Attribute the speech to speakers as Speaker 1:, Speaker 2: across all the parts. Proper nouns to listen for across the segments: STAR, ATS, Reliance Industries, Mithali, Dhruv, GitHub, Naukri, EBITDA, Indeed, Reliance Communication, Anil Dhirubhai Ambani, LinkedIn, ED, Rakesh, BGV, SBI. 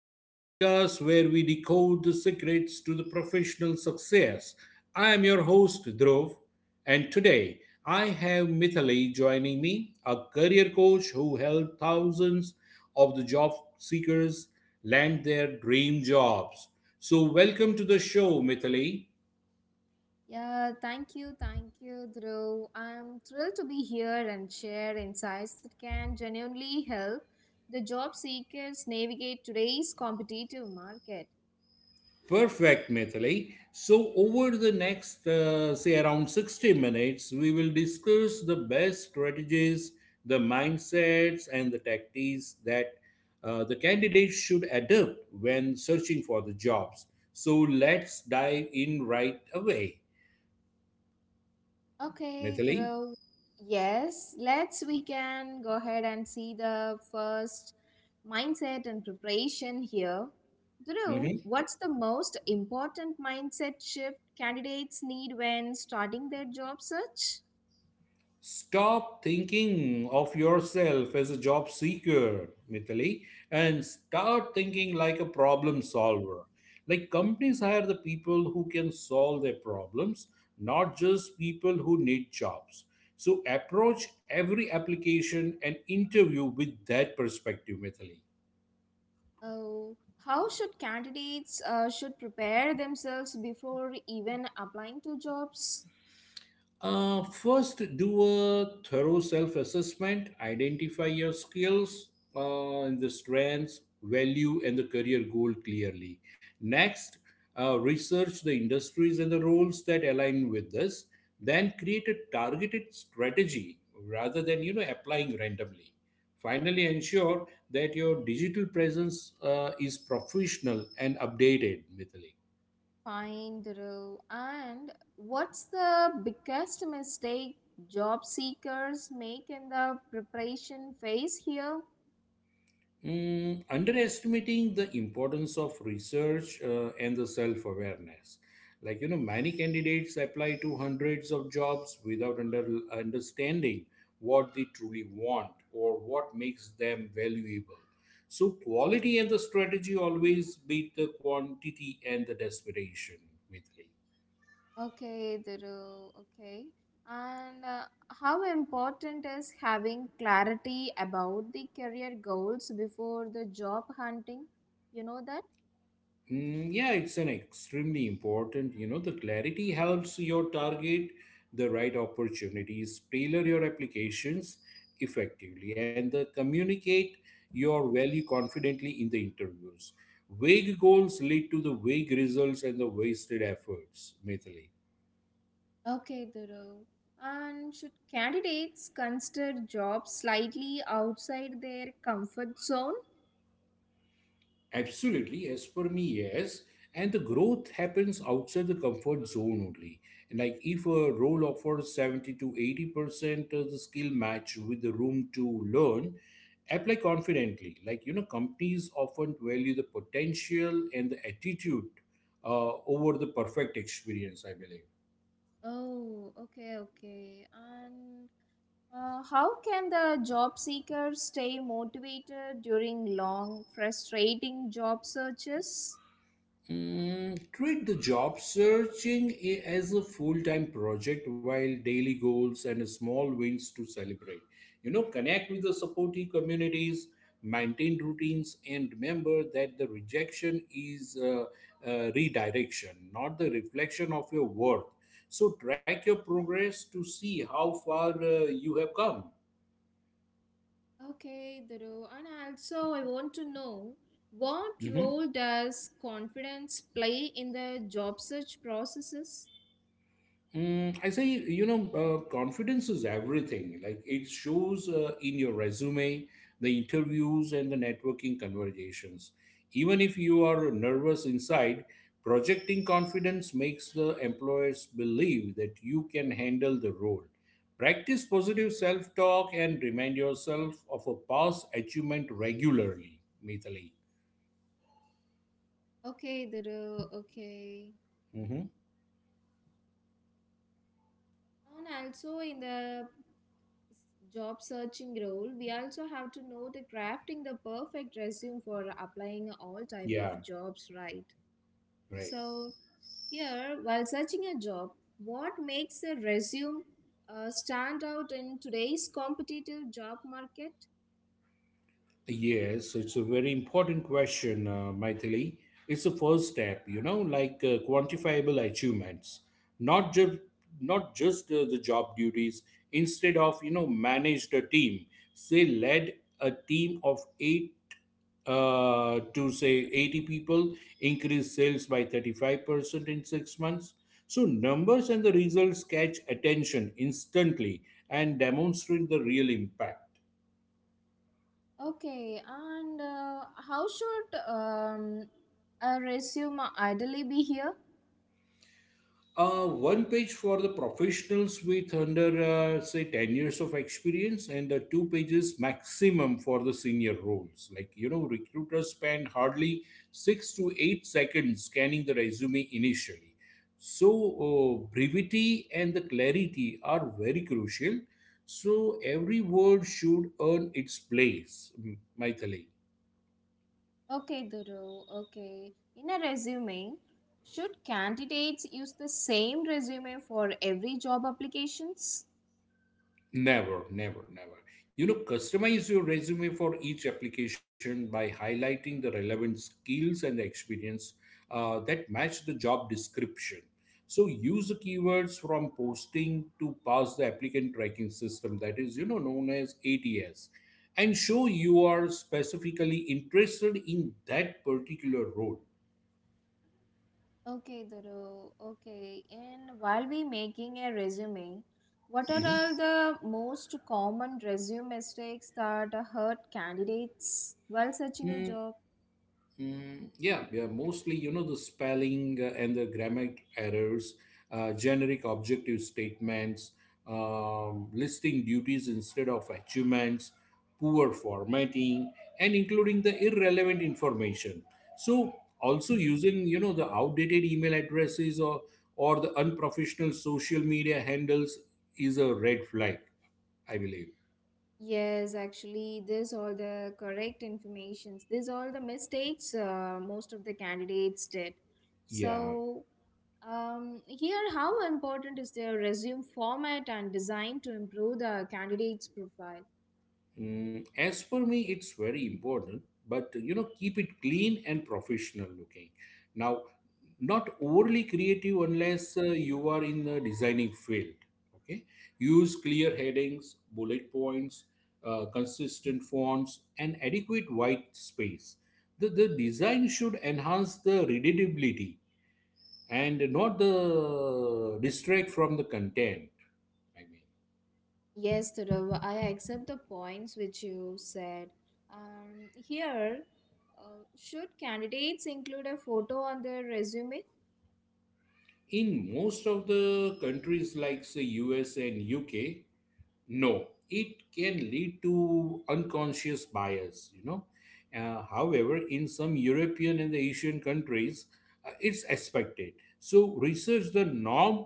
Speaker 1: the podcast where we decode the secrets to the professional success. I am your host, Dhruv, and today I have Mithali joining me, a career coach who helped thousands of the job seekers land their dream jobs. So, welcome to the show, Mithali.
Speaker 2: Yeah, thank you, Dhruv. I'm thrilled to be here and share insights that can genuinely help the job seekers navigate today's competitive market.
Speaker 1: Perfect, Mithili. So, over the next, say, around 60 minutes, we will discuss the best strategies, the mindsets, and the tactics that the candidates should adopt when searching for the jobs. So, let's dive in right away,
Speaker 2: Okay,
Speaker 1: Mithili.
Speaker 2: Dhruv. Yes, let's we can go ahead and see the first mindset and preparation here. Dhruv,
Speaker 1: Mm-hmm.
Speaker 2: what's the most important mindset shift candidates need when starting their job search?
Speaker 1: Stop thinking of yourself as a job seeker, Mithili, and start thinking like a problem solver. Like companies hire the people who can solve their problems, not just people who need jobs. So approach every application and interview with that perspective, Mithili.
Speaker 2: Oh, how should candidates should prepare themselves before even applying to jobs?
Speaker 1: First, do a thorough self assessment, identify your skills, and the strengths, value, and the career goal clearly. Next, research the industries and the roles that align with this. Then, create a targeted strategy rather than applying randomly. Finally, ensure that your digital presence is professional and updated, Mithili.
Speaker 2: Fine, the And what's the biggest mistake job seekers make in the preparation phase here?
Speaker 1: Underestimating the importance of research and the self awareness. Like, you know, many candidates apply to hundreds of jobs without understanding what they truly want or what makes them valuable. So, quality and the strategy always beat the quantity and the desperation with me.
Speaker 2: Okay, the Okay. And how important is having clarity about the career goals before the job hunting? You know that?
Speaker 1: Mm, yeah, it's an extremely important. You know, the clarity helps your target the right opportunities, tailor your applications effectively, and the communicate your value confidently in the interviews. Vague goals lead to the vague results and the wasted efforts, Mithili.
Speaker 2: Okay, Dhuru. And should candidates consider jobs slightly outside their comfort zone?
Speaker 1: Absolutely, as per me, yes. And the growth happens outside the comfort zone only. And like if a role offers 70 to 80% of the skill match with the room to learn, apply confidently. Like, you know, companies often value the potential and the attitude over the perfect experience, I believe.
Speaker 2: Oh, okay. And how can the job seeker stay motivated during long, frustrating job searches?
Speaker 1: Treat the job searching as a full time project while daily goals and small wins to celebrate. You know, connect with the supportive communities, maintain routines, and remember that the rejection is redirection, not the reflection of your worth. So, track your progress to see how far you have come.
Speaker 2: Okay, Dhuru. And also, I want to know what role does confidence play in the job search processes?
Speaker 1: Mm, I say, you know, confidence is everything. Like it shows in your resume, the interviews, and the networking conversations. Even if you are nervous inside, projecting confidence makes the employers believe that you can handle the role. Practice positive self talk and remind yourself of a past achievement regularly, Mithali.
Speaker 2: Okay, Dhuru. Okay.
Speaker 1: Hmm.
Speaker 2: And also in the job searching role, we also have to know the crafting the perfect resume for applying all type
Speaker 1: Yeah,
Speaker 2: of jobs, right?
Speaker 1: right.
Speaker 2: So here, while searching a job, what makes a resume stand out in today's competitive job market?
Speaker 1: Yes, so it's a very important question, Maithili. It's the first step, you know, like quantifiable achievements, not just not just the job duties. Instead of managed a team, say led a team of eight to say 80 people, increase sales by 35% in 6 months. So numbers and the results catch attention instantly and demonstrate the real impact.
Speaker 2: Okay, and how should a resume ideally be here?
Speaker 1: One page for the professionals with under say 10 years of experience and the two pages maximum for the senior roles, like you know recruiters spend hardly 6 to 8 seconds scanning the resume initially, so brevity and the clarity are very crucial, so every word should earn its place, Maithili.
Speaker 2: Okay, Duru. Okay. In a resume, should candidates use the same resume for every job applications?
Speaker 1: Never, never, never. You know, customize your resume for each application by highlighting the relevant skills and the experience that match the job description. So use the keywords from posting to pass the applicant tracking system, that is, you know, known as ATS, and show you are specifically interested in that particular role.
Speaker 2: Okay, Duru. Okay. And while we making a resume, what are all
Speaker 1: Mhm.
Speaker 2: the most common resume mistakes that hurt candidates while searching a
Speaker 1: Mm,
Speaker 2: job?
Speaker 1: Yeah, yeah, mostly, you know, the spelling and the grammar errors, generic objective statements, listing duties instead of achievements, poor formatting, and including the irrelevant information. So, also using, you know, the outdated email addresses or the unprofessional social media handles is a red flag, I believe.
Speaker 2: Yes, actually, this all the correct informations. These all the mistakes most of the candidates did.
Speaker 1: Yeah.
Speaker 2: So, um, here, how important is their resume format and design to improve the candidate's profile?
Speaker 1: Mm, as for me, it's very important, but you know, keep it clean and professional looking. Now, not overly creative unless you are in the designing field. Okay, use clear headings, bullet points, consistent fonts, and adequate white space. The design should enhance the readability and not the distract from the content. I mean.
Speaker 2: Yes, Dhruv, I accept the points which you said. Here, should candidates include a photo on their resume?
Speaker 1: In most of the countries, like say US and UK, no, it can lead to unconscious bias, you know. However, in some European and the Asian countries, it's expected. So research the norm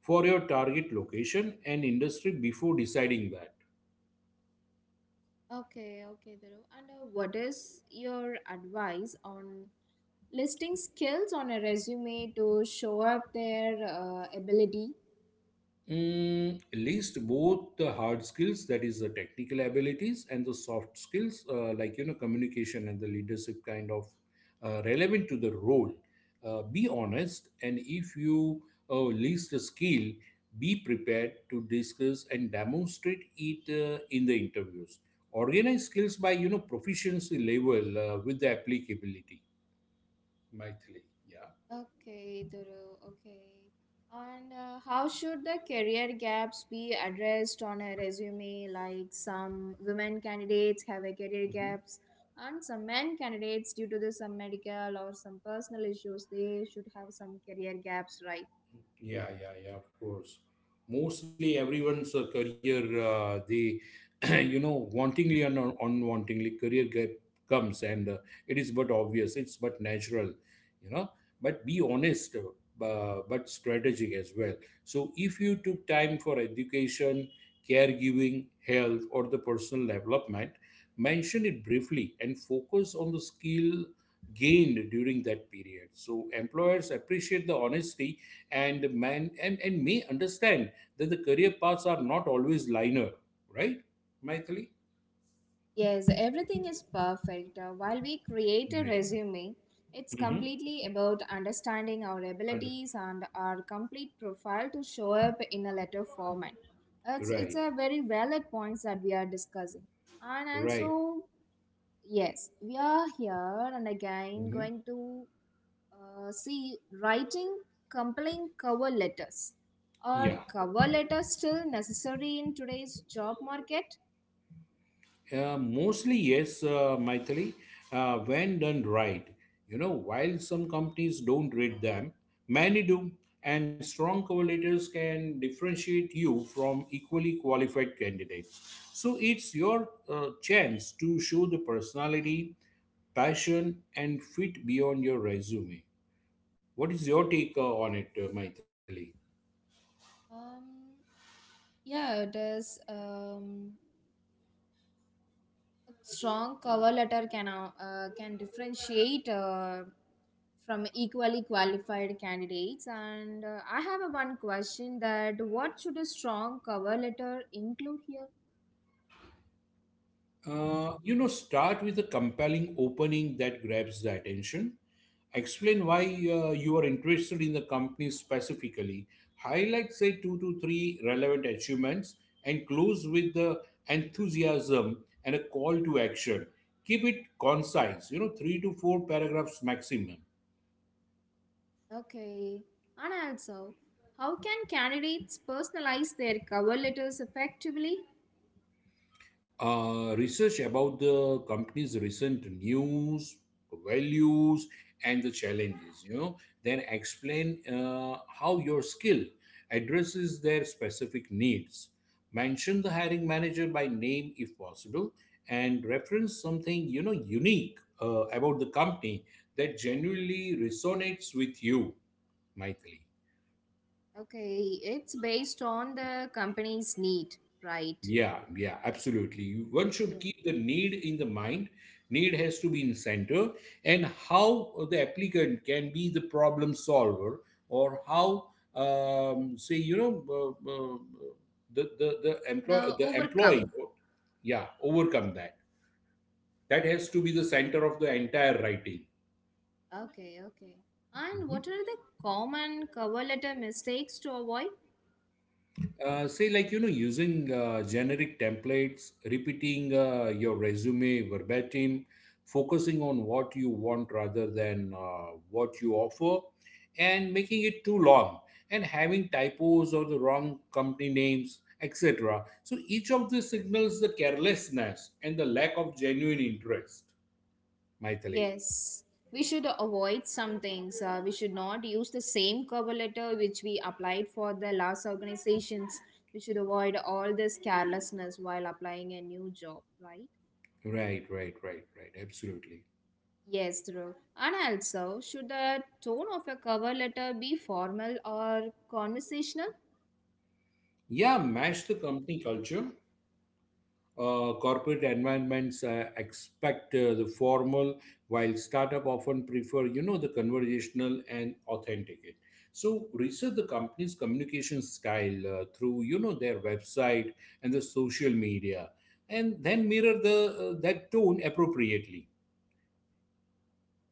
Speaker 1: for your target location and industry before deciding that.
Speaker 2: Okay, okay, Dhruv. And what is your advice on listing skills on a resume to show up their ability?
Speaker 1: Mm, list both the hard skills, that is the technical abilities, and the soft skills, like you know, communication and the leadership kind of relevant to the role. Be honest, and if you list a skill, be prepared to discuss and demonstrate it in the interviews. Organize skills by proficiency level with the applicability. Maithili, yeah.
Speaker 2: Okay, Duru. Okay. And how should the career gaps be addressed on a resume? Like some women candidates have a career
Speaker 1: Mhm.
Speaker 2: gaps, and some men candidates, due to the some medical or some personal issues, they should have some career gaps, right?
Speaker 1: Yeah, yeah, yeah, of course. Mostly everyone's career, you know, wantingly and unwantingly, career gap comes, and it is but obvious, it's but natural, you know. But be honest, but strategic as well. So if you took time for education, caregiving, health, or the personal development, mention it briefly and focus on the skill gained during that period. So employers appreciate the honesty and may understand that the career paths are not always linear, right, Maithili?
Speaker 2: Yes, everything is perfect. While we create a
Speaker 1: Right.
Speaker 2: resume, it's completely about understanding our
Speaker 1: Mm-hmm.
Speaker 2: abilities and our complete profile to show up in a letter format. It's
Speaker 1: Right.
Speaker 2: a very valid points that we are discussing. And
Speaker 1: Right.
Speaker 2: also, yes, we are here and again
Speaker 1: Hmm.
Speaker 2: going to see writing compelling cover letters.
Speaker 1: Yeah.
Speaker 2: Are cover letters still necessary in today's job market?
Speaker 1: Mostly yes, Maithili, when done right. You know, while some companies don't rate them, many do, and strong correlators can differentiate you from equally qualified candidates. So it's your chance to show the personality, passion, and fit beyond your resume. What is your take on it, Maithili?
Speaker 2: Um, Yeah, it is. A strong cover letter can differentiate from equally qualified candidates. And I have a one question that what should a strong cover letter include here?
Speaker 1: You know, start with a compelling opening that grabs the attention. Explain why you are interested in the company specifically. Highlight, say, 2 to 3 relevant achievements and close with the enthusiasm and a call to action. Keep it concise, you know, 3 to 4 paragraphs maximum.
Speaker 2: Okay, and also, how can candidates personalize their cover letters effectively?
Speaker 1: Research about the company's recent news, values, and the challenges, you know, then explain how your skill addresses their specific needs. Mention the hiring manager by name if possible and reference something, you know, unique about the company that genuinely resonates with you, Maithili.
Speaker 2: Okay, it's based on the company's need, right?
Speaker 1: Yeah, yeah, absolutely. One should
Speaker 2: Yeah.
Speaker 1: keep the need in the mind. Need has to be in center, and how the applicant can be the problem solver, or how, say, you know, the employ
Speaker 2: The
Speaker 1: the
Speaker 2: overcome.
Speaker 1: employee, yeah, overcome that. That has to be the center of the entire writing.
Speaker 2: Okay, okay. And
Speaker 1: Mm-hmm.
Speaker 2: what are the common cover letter mistakes to avoid?
Speaker 1: Say like using generic templates, repeating your resume verbatim, focusing on what you want rather than what you offer, and making it too long, and having typos or the wrong company names, etc. So each of these signals the carelessness and the lack of genuine interest, Maithili.
Speaker 2: Yes, we should avoid some things. We should not use the same cover letter which we applied for the last organizations. We should avoid all this carelessness while applying a new job, right?
Speaker 1: Right, right, right, right, absolutely.
Speaker 2: Yes, true. And also, should the tone of a cover letter be formal or conversational?
Speaker 1: Yeah, match the company culture. Corporate environments expect the formal, while startup often prefer, you know, the conversational and authentic. So research the company's communication style through, you know, their website and the social media, and then mirror the that tone appropriately.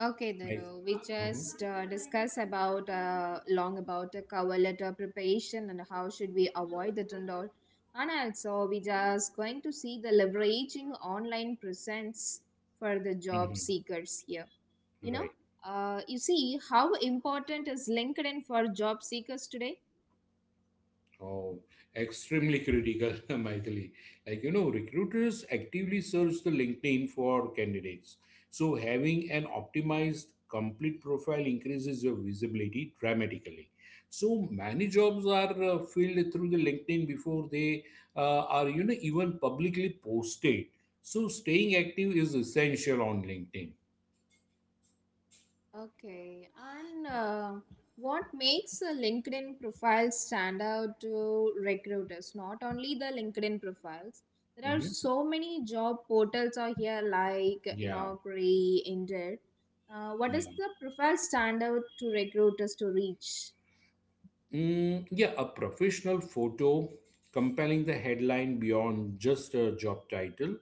Speaker 2: Okay,
Speaker 1: Right.
Speaker 2: Dharu, we
Speaker 1: Mhm.
Speaker 2: just discussed about long about the cover letter preparation and how should we avoid the and all. And also, we just going to see the leveraging online presence for the job
Speaker 1: Mhm.
Speaker 2: seekers here. You know,
Speaker 1: Right.
Speaker 2: you see how important is LinkedIn for job seekers today?
Speaker 1: Oh, extremely critical, Maithili. Like, you know, recruiters actively search the LinkedIn for candidates. So having an optimized complete profile increases your visibility dramatically. So many jobs are filled through the LinkedIn before they are, you know, even publicly posted. So staying active is essential on LinkedIn.
Speaker 2: Okay, and what makes a LinkedIn profile stand out to recruiters? Not only the LinkedIn profiles, there are
Speaker 1: Mhm.
Speaker 2: so many job portals out here like
Speaker 1: Yeah,
Speaker 2: Naukri, Indeed. What does
Speaker 1: yeah.
Speaker 2: the profile stand out to recruiters to reach?
Speaker 1: Mm, yeah, a professional photo, compelling the headline beyond just a job title,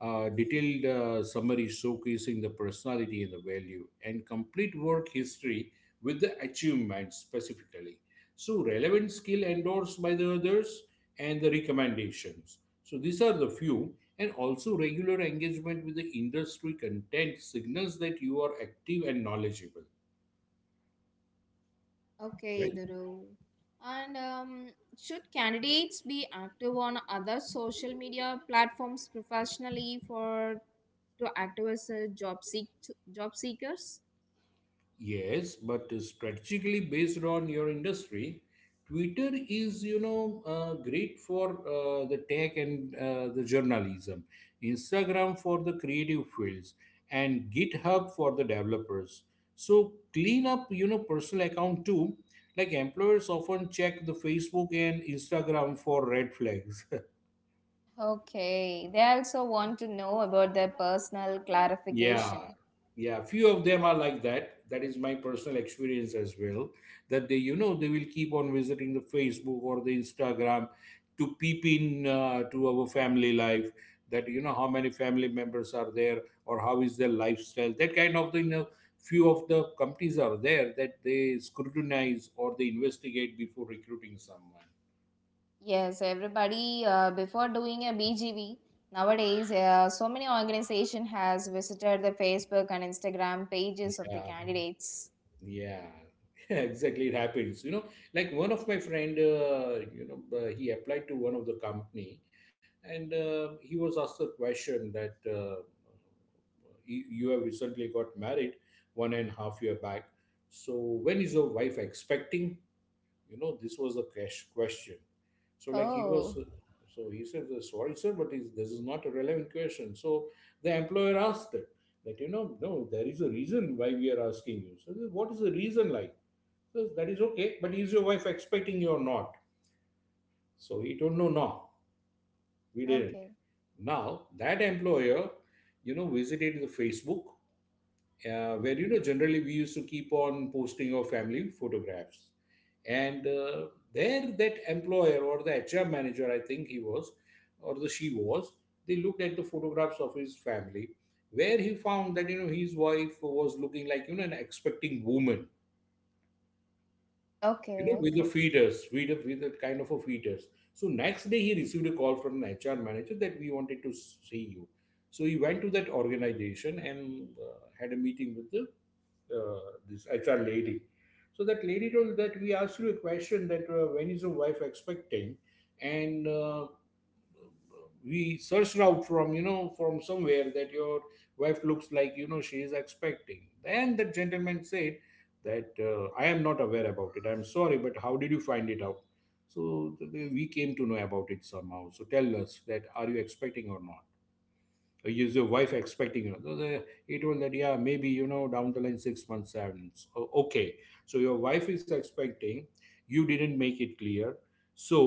Speaker 1: a detailed summary showcasing the personality and the value, and complete work history with the achievement specifically. So, relevant skill endorsed by the others and the recommendations. So, these are the few, and also regular engagement with the industry content signals that you are active and knowledgeable,
Speaker 2: Okay,
Speaker 1: right?
Speaker 2: Dhuru. And should candidates be active on other social media platforms professionally for to active as a job seekers?
Speaker 1: Yes, but strategically based on your industry, Twitter is great for the tech and the journalism, Instagram for the creative fields, and GitHub for the developers. So clean up, you know, personal account too. Like employers often check the Facebook and Instagram for red flags.
Speaker 2: Okay, they also want to know about their personal
Speaker 1: Yeah,
Speaker 2: clarification.
Speaker 1: yeah. Few of them are like that. That is my personal experience as well. That they, you know, they will keep on visiting the Facebook or the Instagram to peep in to our family life. That you know how many family members are there or how is their lifestyle. That kind of thing. You know, few of the companies are there that they scrutinize or they investigate before recruiting someone.
Speaker 2: Yes, everybody before doing a BGV nowadays, so many organization has visited the Facebook and Instagram pages of the
Speaker 1: Yeah.
Speaker 2: candidates.
Speaker 1: Yeah, exactly. It happens. You know, like one of my friend, he applied to one of the company, and he was asked a question that you have recently got married 1.5 year back. So when is your wife expecting? You know, this was the cash question. So like he was,
Speaker 2: Oh,
Speaker 1: so he said, sorry sir, but this is not a relevant question. So the employer asked it that, you know, no, there is a reason why we are asking you. So what is the reason like? So that is okay, but is your wife expecting you or not? So he told, no no, we didn't.
Speaker 2: okay,
Speaker 1: Now that employer, you know, visited the Facebook, where
Speaker 2: mhm.
Speaker 1: you know generally we used to keep on posting our family photographs, and there that employer or the HR manager, I think he was or the she was, they looked at the photographs of his family, where he found that, you know, his wife was looking like, you know, an expecting woman, you
Speaker 2: Okay,
Speaker 1: know, with a
Speaker 2: okay.
Speaker 1: fetus, with a kind of a fetus. So next day he received a call from an HR manager that we wanted to see you. So he went to that organization and had a meeting with the this HR lady. So that lady told that we asked you a question that when is your wife expecting, and we searched out from, you know, from somewhere that your wife looks like, you know, she is expecting. Then the gentleman said that I am not aware about it. I'm sorry, but how did you find it out? So we came to know about it somehow. So tell us that, are you expecting or not? Is your wife expecting? You know he told that yeah, maybe you know down the line 6 months 7 months. Okay, so your wife is expecting, you didn't make it clear. So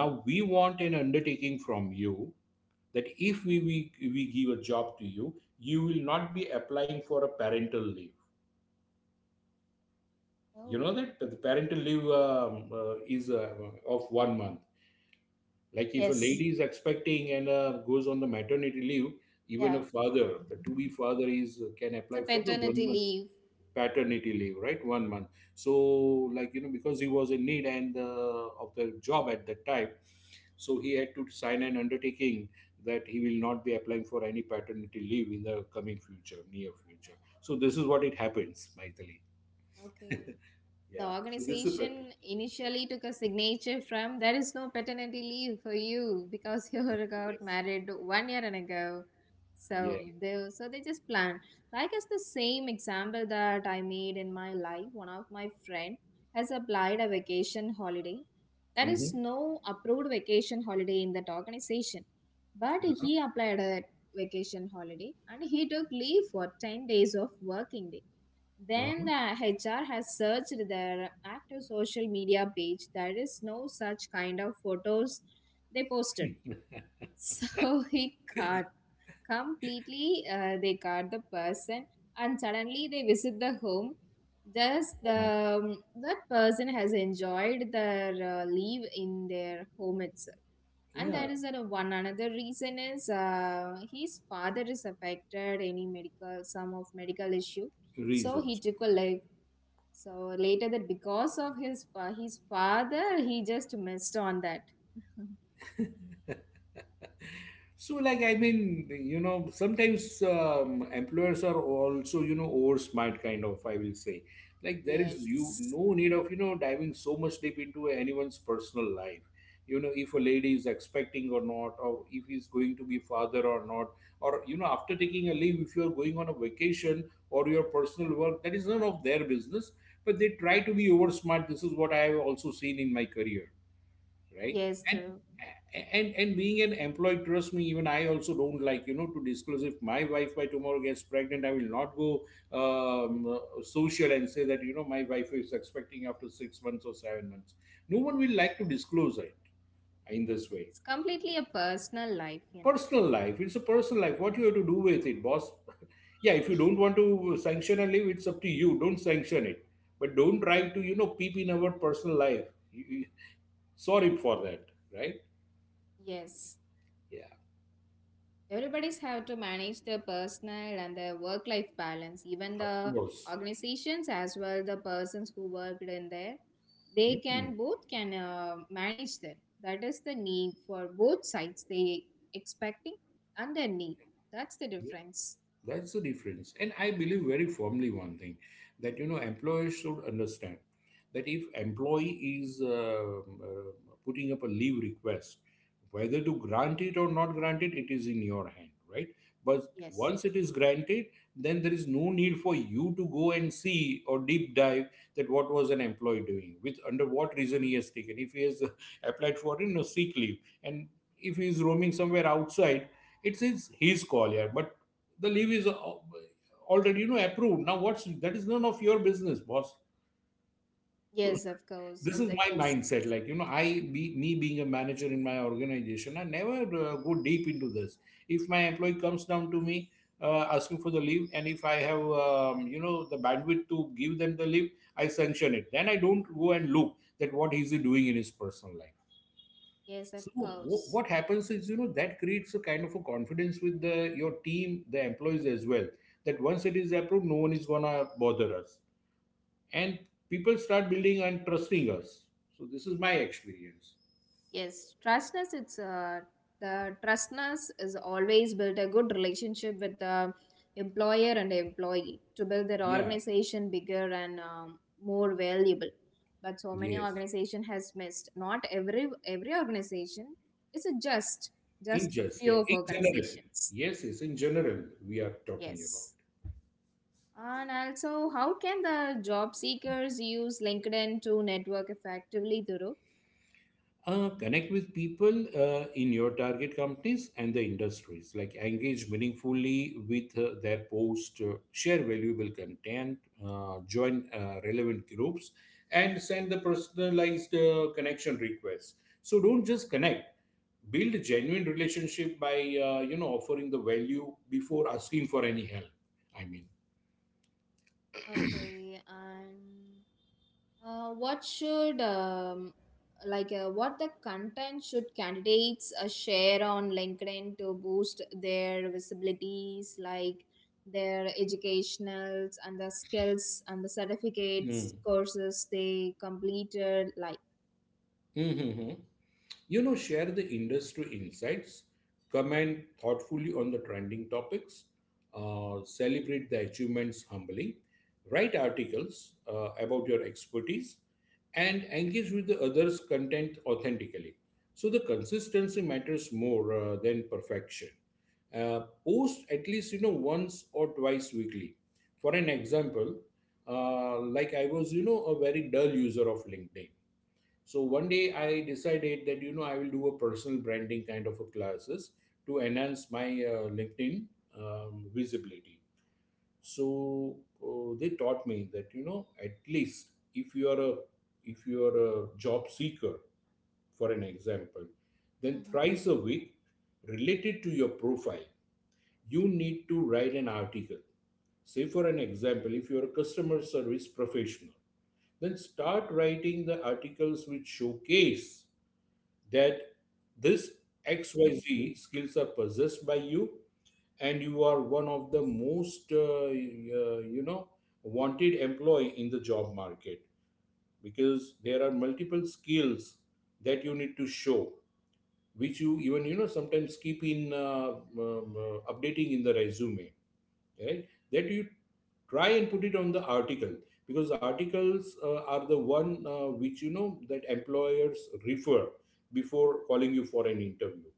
Speaker 1: now we want an undertaking from you that if we
Speaker 2: Mhm.
Speaker 1: we, we give a job to you, you will not be applying for a parental leave. You know
Speaker 2: Oh,
Speaker 1: that the parental leave is of 1 month. Like if a
Speaker 2: yes,
Speaker 1: lady is expecting and goes on the maternity leave, even a
Speaker 2: yeah,
Speaker 1: father, a to-be father is can
Speaker 2: it's a
Speaker 1: apply for the one
Speaker 2: paternity
Speaker 1: month
Speaker 2: leave.
Speaker 1: paternity leave, right? 1 month. So like, you know, because he was in need and of the job at that time, so he had to sign an undertaking that he will not be applying for any paternity leave in the coming future, near future. So this is what it happens, Maithili.
Speaker 2: Okay. The
Speaker 1: Yeah. So this is a practice.
Speaker 2: organization initially took a signature from there is no paternity leave for you because you got
Speaker 1: Yes.
Speaker 2: married 1 year and ago. So
Speaker 1: Yeah.
Speaker 2: they so they just plan. Like it's the same example that I made in my life. One of my friend has applied a vacation holiday. There is
Speaker 1: Mm-hmm.
Speaker 2: no approved vacation holiday in that organization, but
Speaker 1: Uh-huh.
Speaker 2: he applied a vacation holiday and he took leave for 10 days of working, then the HR has searched their active social media page. There is no such kind of photos they posted.
Speaker 1: Uh-huh.
Speaker 2: So he got completely, they got the person, and suddenly they visit the home. Thus,
Speaker 1: oh
Speaker 2: the
Speaker 1: my.
Speaker 2: that person has enjoyed their leave in their home itself. And there
Speaker 1: Yeah.
Speaker 2: is a, one another reason is his father is affected any medical some of medical issue, so he
Speaker 1: Reasons,
Speaker 2: took a
Speaker 1: okay.
Speaker 2: so later that because of his his father, he just missed on that.
Speaker 1: so like I mean, you know, sometimes employers are also, you know, over smart kind of, I will say, like there is you
Speaker 2: Yes.
Speaker 1: no need of, you know, diving so much deep into anyone's personal life, you know, if a lady is expecting or not, or if he's going to be father or not, or you know, after taking a leave, if you are going on a vacation or your personal work, that is none of their business. But they try to be over smart. This is what I have also seen in my career, right?
Speaker 2: Yes,
Speaker 1: and
Speaker 2: Thuru.
Speaker 1: and and being an employee, trust me, even I also don't like, you know, to disclose. If my wife by tomorrow gets pregnant, I will not go social and say that, you know, my wife is expecting after 6 months or 7 months. No one will like to disclose it in
Speaker 2: Yes.
Speaker 1: this way.
Speaker 2: It's completely a personal life, you know.
Speaker 1: Personal life, it's a personal life. What you have to do with it, boss? yeah, if you don't want to sanction a leave, it's up to you, don't sanction it. But don't try to, you know, peep in our personal life. Sorry for that. Right.
Speaker 2: Yes.
Speaker 1: Yeah.
Speaker 2: Everybody's have to manage their personal and their work life balance. Even
Speaker 1: Of
Speaker 2: the
Speaker 1: course.
Speaker 2: organizations as well, the persons who worked in there, they
Speaker 1: Mm.
Speaker 2: can both can manage them. That is the need for both sides. They expecting and their need. That's the difference.
Speaker 1: That's the difference. And I believe very firmly one thing, that you know, employers should understand that if employee is putting up a leave request, whether to grant it or not grant it, it is in your hand, right? But
Speaker 2: Yes.
Speaker 1: once it is granted, then there is no need for you to go and see or deep dive that what was an employee doing with, under what reason he has taken. If he has applied for, you know, sick leave, and if he is roaming somewhere outside, it's his call here. But the leave is already, you know, approved. Now what's that is none of your business, boss. So
Speaker 2: Yes, of course.
Speaker 1: this is
Speaker 2: That
Speaker 1: my
Speaker 2: does,
Speaker 1: mindset, like you know, I
Speaker 2: yeah.
Speaker 1: be me being a manager in my organization, I never go deep into this. If my employee comes down to me asking for the leave, and if I have you know, the bandwidth to give them the leave, I sanction it. Then I don't go and look that what is he doing in his personal life.
Speaker 2: Yes,
Speaker 1: So
Speaker 2: of course.
Speaker 1: what happens is, you know, that creates a kind of a confidence with the your team, the employees as well. That once it is approved, no one is gonna bother us, and people start building and trusting us. So this is my experience.
Speaker 2: Yes, trustness. It's the trustness is always built a good relationship with the employer and employee to build their
Speaker 1: Yeah.
Speaker 2: organization bigger and more valuable. But so many
Speaker 1: Yes.
Speaker 2: organization has missed. Not every organization. It's a just
Speaker 1: In
Speaker 2: just a
Speaker 1: just,
Speaker 2: few
Speaker 1: yeah.
Speaker 2: of
Speaker 1: In general.
Speaker 2: organizations.
Speaker 1: Yes. Yes. In general, we are talking about.
Speaker 2: Yes. And also, how can the job seekers use LinkedIn to network effectively, Duru?
Speaker 1: Connect with people in your target companies and the industries, like engage meaningfully with their post, share valuable content, join relevant groups, and send the personalized connection requests. So don't just connect, build a genuine relationship by you know, offering the value before asking for any help, I mean.
Speaker 2: Okay, and uh, what should um, what the content should candidates share on LinkedIn to boost their visibilities, like their educationals and the skills and the
Speaker 1: Mm.
Speaker 2: certificates courses they completed, like.
Speaker 1: Mhm. You know, share the industry insights, comment thoughtfully on the trending topics, celebrate the achievements humbly, write articles about your expertise, and engage with the others' content authentically. So the consistency matters more than perfection. Post at least, you know, once or twice weekly. For an example, like I was, you know, a very dull user of LinkedIn. So one day I decided that, you know, I will do a personal branding kind of a classes to enhance my LinkedIn visibility. So they taught me that, you know, at least if you are a if you are a job seeker, for an example, then
Speaker 2: Mhm.
Speaker 1: thrice a week related to your profile, you need to write an article. Say, for an example, if you're a customer service professional, then start writing the articles which showcase that this XYZ skills are possessed by you, and you are one of the most you know, wanted employee in the job market, because there are multiple skills that you need to show, which you even, you know, sometimes keep in updating in the resume, right? That you try and put it on the article, because articles are the one which you know that employers refer before calling you for an interview.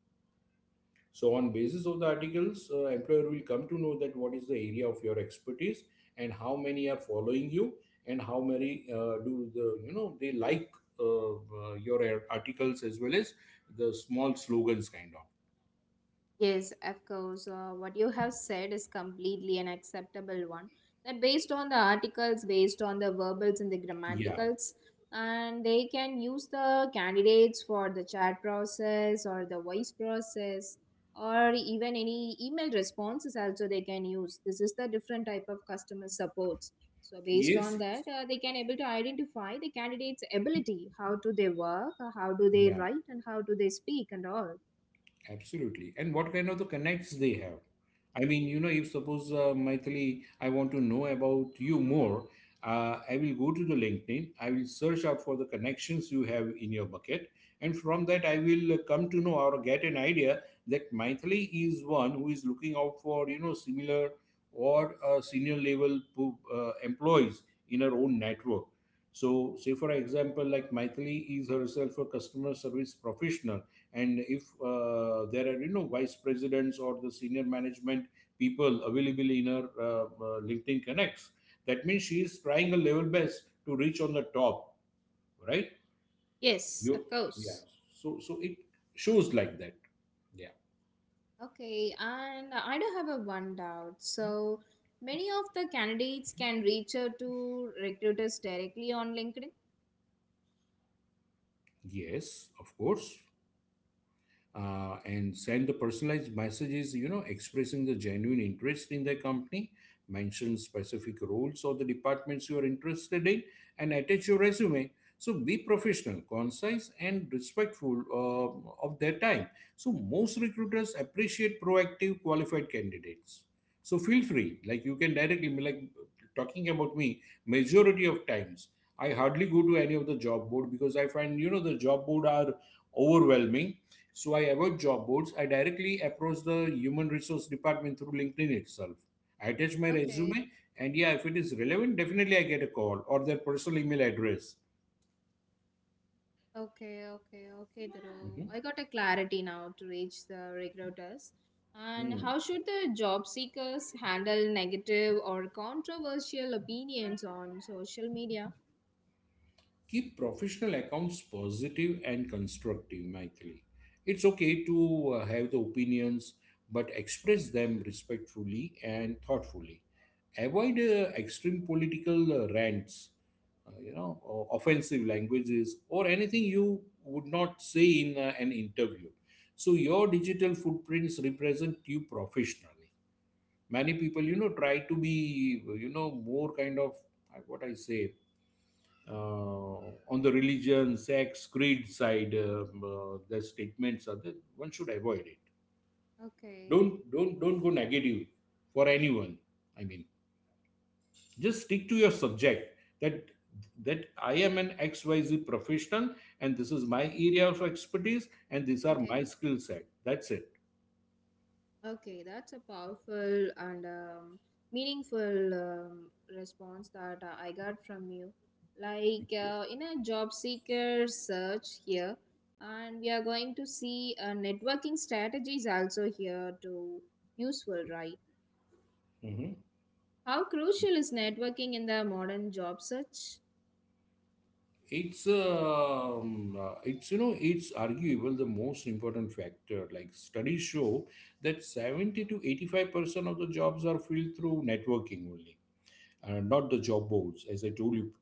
Speaker 1: So on basis of the articles, employer will come to know that what is the area of your expertise, and how many are following you, and how
Speaker 2: Okay.
Speaker 1: many do the, you know, they like your articles, as well as the small slogans kind of.
Speaker 2: Yes, of course. What you have said is completely an acceptable one. That based on the articles, based on the verbals and the
Speaker 1: Yeah.
Speaker 2: grammaticals, and they can use the candidates for the chat process or the voice process or even any email responses also they can use. This is the different type of customer supports. So based
Speaker 1: Yes,
Speaker 2: on that,
Speaker 1: yes.
Speaker 2: they can able to identify the candidate's ability. How do they work? How do they
Speaker 1: Yeah.
Speaker 2: write? And how do they speak and all?
Speaker 1: Absolutely. And what kind of the connects they have? I mean, you know, if suppose Maithili, I want to know about you more, I will go to the LinkedIn. I will search out for the connections you have in your bucket, and from that I will come to know or get an idea that Maithili is one who is looking out for, you know, similar or senior level employees in her own network. So, say for example, like Maithili is herself a customer service professional, and if there are, you know, vice presidents or the senior management people available in her LinkedIn connects, that means she is trying her level best to reach on the top, right?
Speaker 2: Yes,
Speaker 1: You,
Speaker 2: of
Speaker 1: yeah.
Speaker 2: course.
Speaker 1: So so it shows like that. Yeah.
Speaker 2: Okay, and I do have a one doubt. So many of the candidates can reach out to recruiters directly on LinkedIn.
Speaker 1: Yes, of course. And send the personalized messages, you know, expressing the genuine interest in their company, mention specific roles or the departments you are interested in, and attach your resume. So be professional, concise, and respectful of their time. So most recruiters appreciate proactive, qualified candidates. So feel free, like you can directly, like talking about me, majority of times. I hardly go to any of the job board, because I find, you know, the job board are overwhelming. So I avoid job boards. I directly approach the human resource department through LinkedIn itself. I attach my
Speaker 2: Okay,
Speaker 1: resume, and yeah, if it is relevant, definitely I get a call or their personal email address.
Speaker 2: okay, Dhruv.
Speaker 1: Mhm.
Speaker 2: I got a clarity now to reach the recruiters. And
Speaker 1: Hmm.
Speaker 2: how should the job seekers handle negative or controversial opinions on social media?
Speaker 1: Keep professional accounts positive and constructive, Michael. It's okay to have the opinions, but express them respectfully and thoughtfully. Avoid extreme political rants, or offensive languages, or anything you would not say in an interview. So your digital footprints represent you professionally. Many people, try to be, more kind of what I say uh, on the religion, sex, creed side, the statements are that one should avoid it.
Speaker 2: Okay,
Speaker 1: Don't go negative for anyone. I mean, just stick to your subject. That that I am an XYZ professional, and this is my area of expertise, and these are
Speaker 2: okay.
Speaker 1: my skill set. That's it.
Speaker 2: Okay, that's a powerful and meaningful response that I got from you.
Speaker 1: Thank
Speaker 2: Like
Speaker 1: you.
Speaker 2: in a job seeker search here, and we are going to see networking strategies also here to useful, right?
Speaker 1: Mhm.
Speaker 2: How crucial is networking in the modern job search?
Speaker 1: It's you know it's arguable the most important factor. Like studies show that 70 to 85% of the jobs are filled through networking only, not the job boards, as I told you.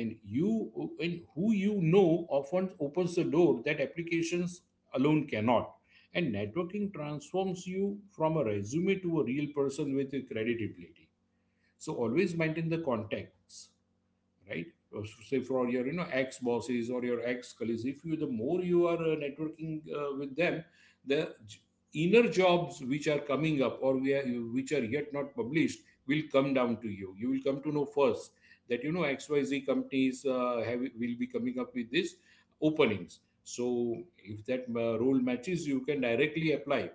Speaker 1: And you and who you know often opens the door that applications alone cannot. And networking transforms you from a resume to a real person with a credibility. So always maintain the contacts, right? So say for your, you know, ex bosses or your ex colleagues. If you the more you are networking with them, the j- inner jobs which are coming up which are yet not published will come down to you. You will come to know first that, you know, XYZ companies have will be coming up with this openings. So if that role matches, you can directly apply.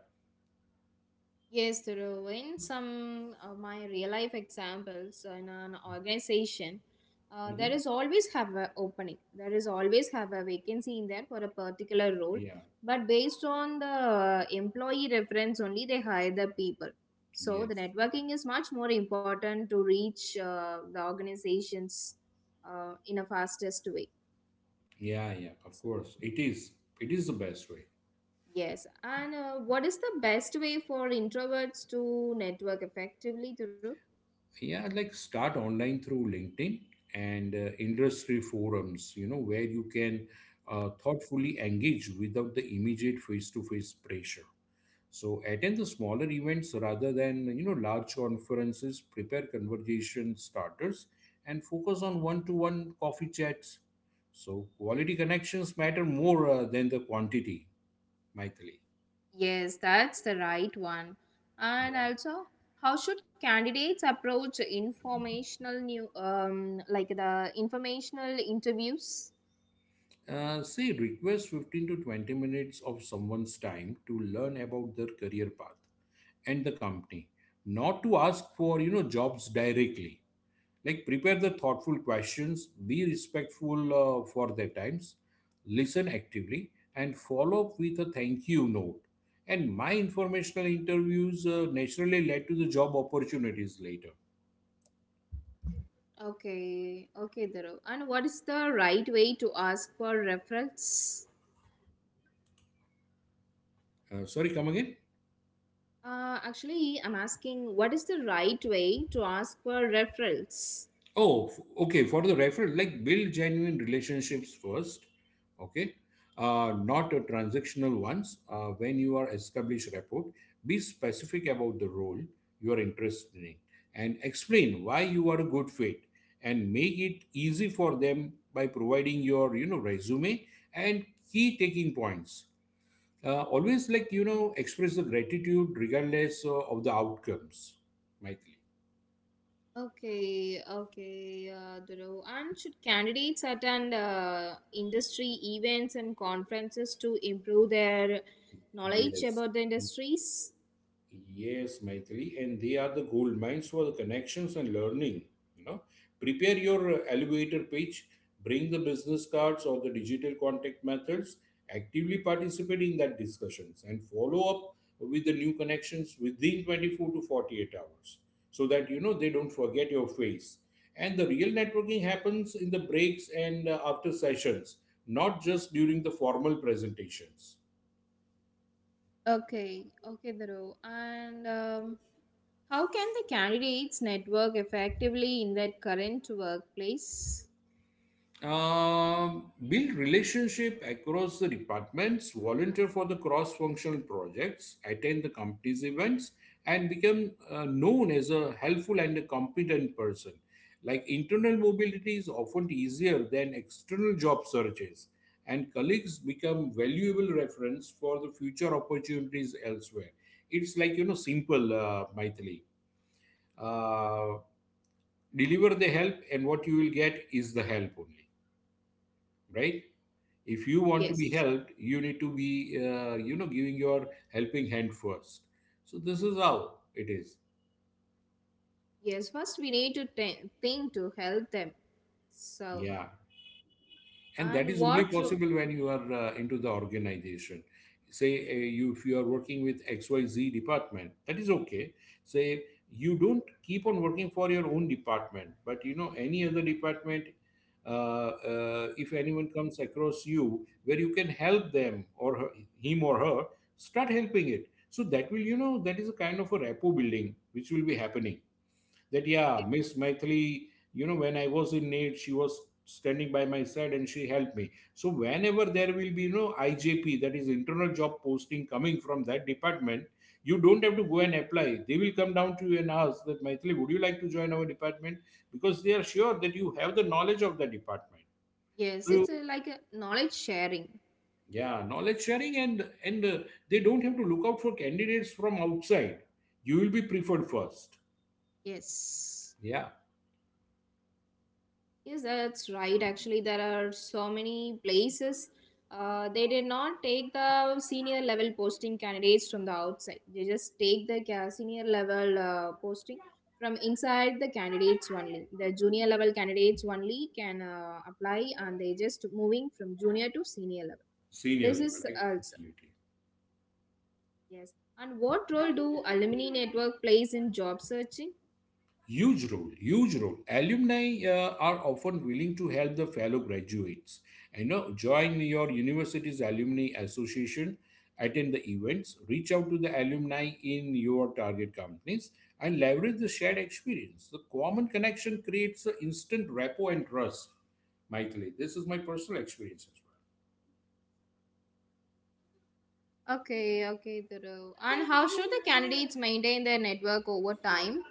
Speaker 2: Yes, Thuru. In some of my real life examples in an organization, there
Speaker 1: Mhm.
Speaker 2: is always have a opening. There is always have a vacancy in there for a particular role.
Speaker 1: Yeah.
Speaker 2: But based on the employee reference only, they hire the people. So the
Speaker 1: Yes.
Speaker 2: networking is much more important to reach the organizations in a fastest way.
Speaker 1: Yeah, yeah, of
Speaker 2: So
Speaker 1: course, it is. It is the best way.
Speaker 2: yes, and what is the best way for introverts to network effectively, Thuru?
Speaker 1: Yeah, like start online through LinkedIn and industry forums, you know, where you can thoughtfully engage without the immediate face-to-face pressure. So attend the smaller events rather than, you know, large conferences. Prepare conversation starters and focus on one-to-one coffee chats. So quality connections matter more than the quantity, Michael.
Speaker 2: Yes, that's the right one. And
Speaker 1: Yeah.
Speaker 2: also, how should candidates approach informational new like the informational interviews?
Speaker 1: Say request 15 to 20 minutes of someone's time to learn about their career path and the company, not to ask for, you know, jobs directly. Like prepare the thoughtful questions, be respectful for their times, listen actively, and follow up with a thank you note. And my informational interviews naturally led to the job opportunities later.
Speaker 2: Okay, okay, Dhruv. And what is the right way to ask for referrals?
Speaker 1: Sorry, come again.
Speaker 2: Actually, I'm asking what is the right way to ask for referrals?
Speaker 1: Oh, okay. For the referral, like build genuine relationships first, okay? Not a transactional ones. When you are established rapport, be specific about the role you are interested in and explain why you are a good fit, and make it easy for them by providing your, you know, resume and key taking points. Always, like, you know, express the gratitude regardless of the outcomes, Michael.
Speaker 2: Okay, okay, Dhruv. And should candidates attend industry events and conferences to improve their knowledge
Speaker 1: Yes.
Speaker 2: about the industries?
Speaker 1: Yes, Maithili, and they are the gold mines for the connections and learning. You know, prepare your elevator pitch, bring the business cards or the digital contact methods, actively participate in that discussions, and follow up with the new connections within 24 to 48 hours, so that, you know, they don't forget your face. And the real networking happens in the breaks and after sessions, not just during the formal presentations.
Speaker 2: Okay, okay, Dhruv. And how can the candidates network effectively in their current workplace?
Speaker 1: Build relationship across the departments, volunteer for the cross-functional projects, attend the company's events, and become known as a helpful and a competent person. Like internal mobility is often easier than external job searches, and colleagues become valuable reference for the future opportunities elsewhere. It's like, you know, simple, Maithili. Uh, Deliver the help, and what you will get is the help only, right? If you want to be
Speaker 2: Yes,
Speaker 1: helped, you need to be, you know, giving your helping hand first. So this is how it is.
Speaker 2: yes. First, we need to think to help them. So,
Speaker 1: Yeah, and that
Speaker 2: and
Speaker 1: is only
Speaker 2: what? Ro-
Speaker 1: possible when you are into the organization. Say you, if you are working with XYZ department, that is okay. Say you don't keep on working for your own department, but, you know, any other department, if anyone comes across you where you can help him or her, start helping it, so that will, you know, that is a kind of a rapport building which will be happening. That, yeah, Miss Maithili, you know, when I was in need, she was standing by my side and she helped me. So whenever there will be, you know, IJP, that is internal job posting, coming from that department, you don't have to go and apply. They will come down to you and ask that, Maithili, would you like to join our department, because they are sure that you have the knowledge of the department.
Speaker 2: Yes,
Speaker 1: So
Speaker 2: it's a, like a knowledge sharing.
Speaker 1: yeah, knowledge sharing, and they don't have to look out for candidates from outside. You will be preferred first.
Speaker 2: Yes.
Speaker 1: Yeah,
Speaker 2: Yes, that's right. Actually, there are so many places. They did not take the senior level posting candidates from the outside. They just take the senior level posting from inside the candidates only. The junior level candidates only can apply, and they just moving from junior to senior level.
Speaker 1: senior
Speaker 2: This
Speaker 1: level,
Speaker 2: is
Speaker 1: like,
Speaker 2: also
Speaker 1: absolutely.
Speaker 2: yes. And what role do alumni network plays in job searching?
Speaker 1: Huge role, huge role. Alumni are often willing to help the fellow graduates. You know, join your university's alumni association, attend the events, reach out to the alumni in your target companies, and leverage the shared experience. The common connection creates an instant rapport and trust. Michael, this is my personal experience as
Speaker 2: Okay, okay, Dhruv. And how should the candidates maintain their network over time?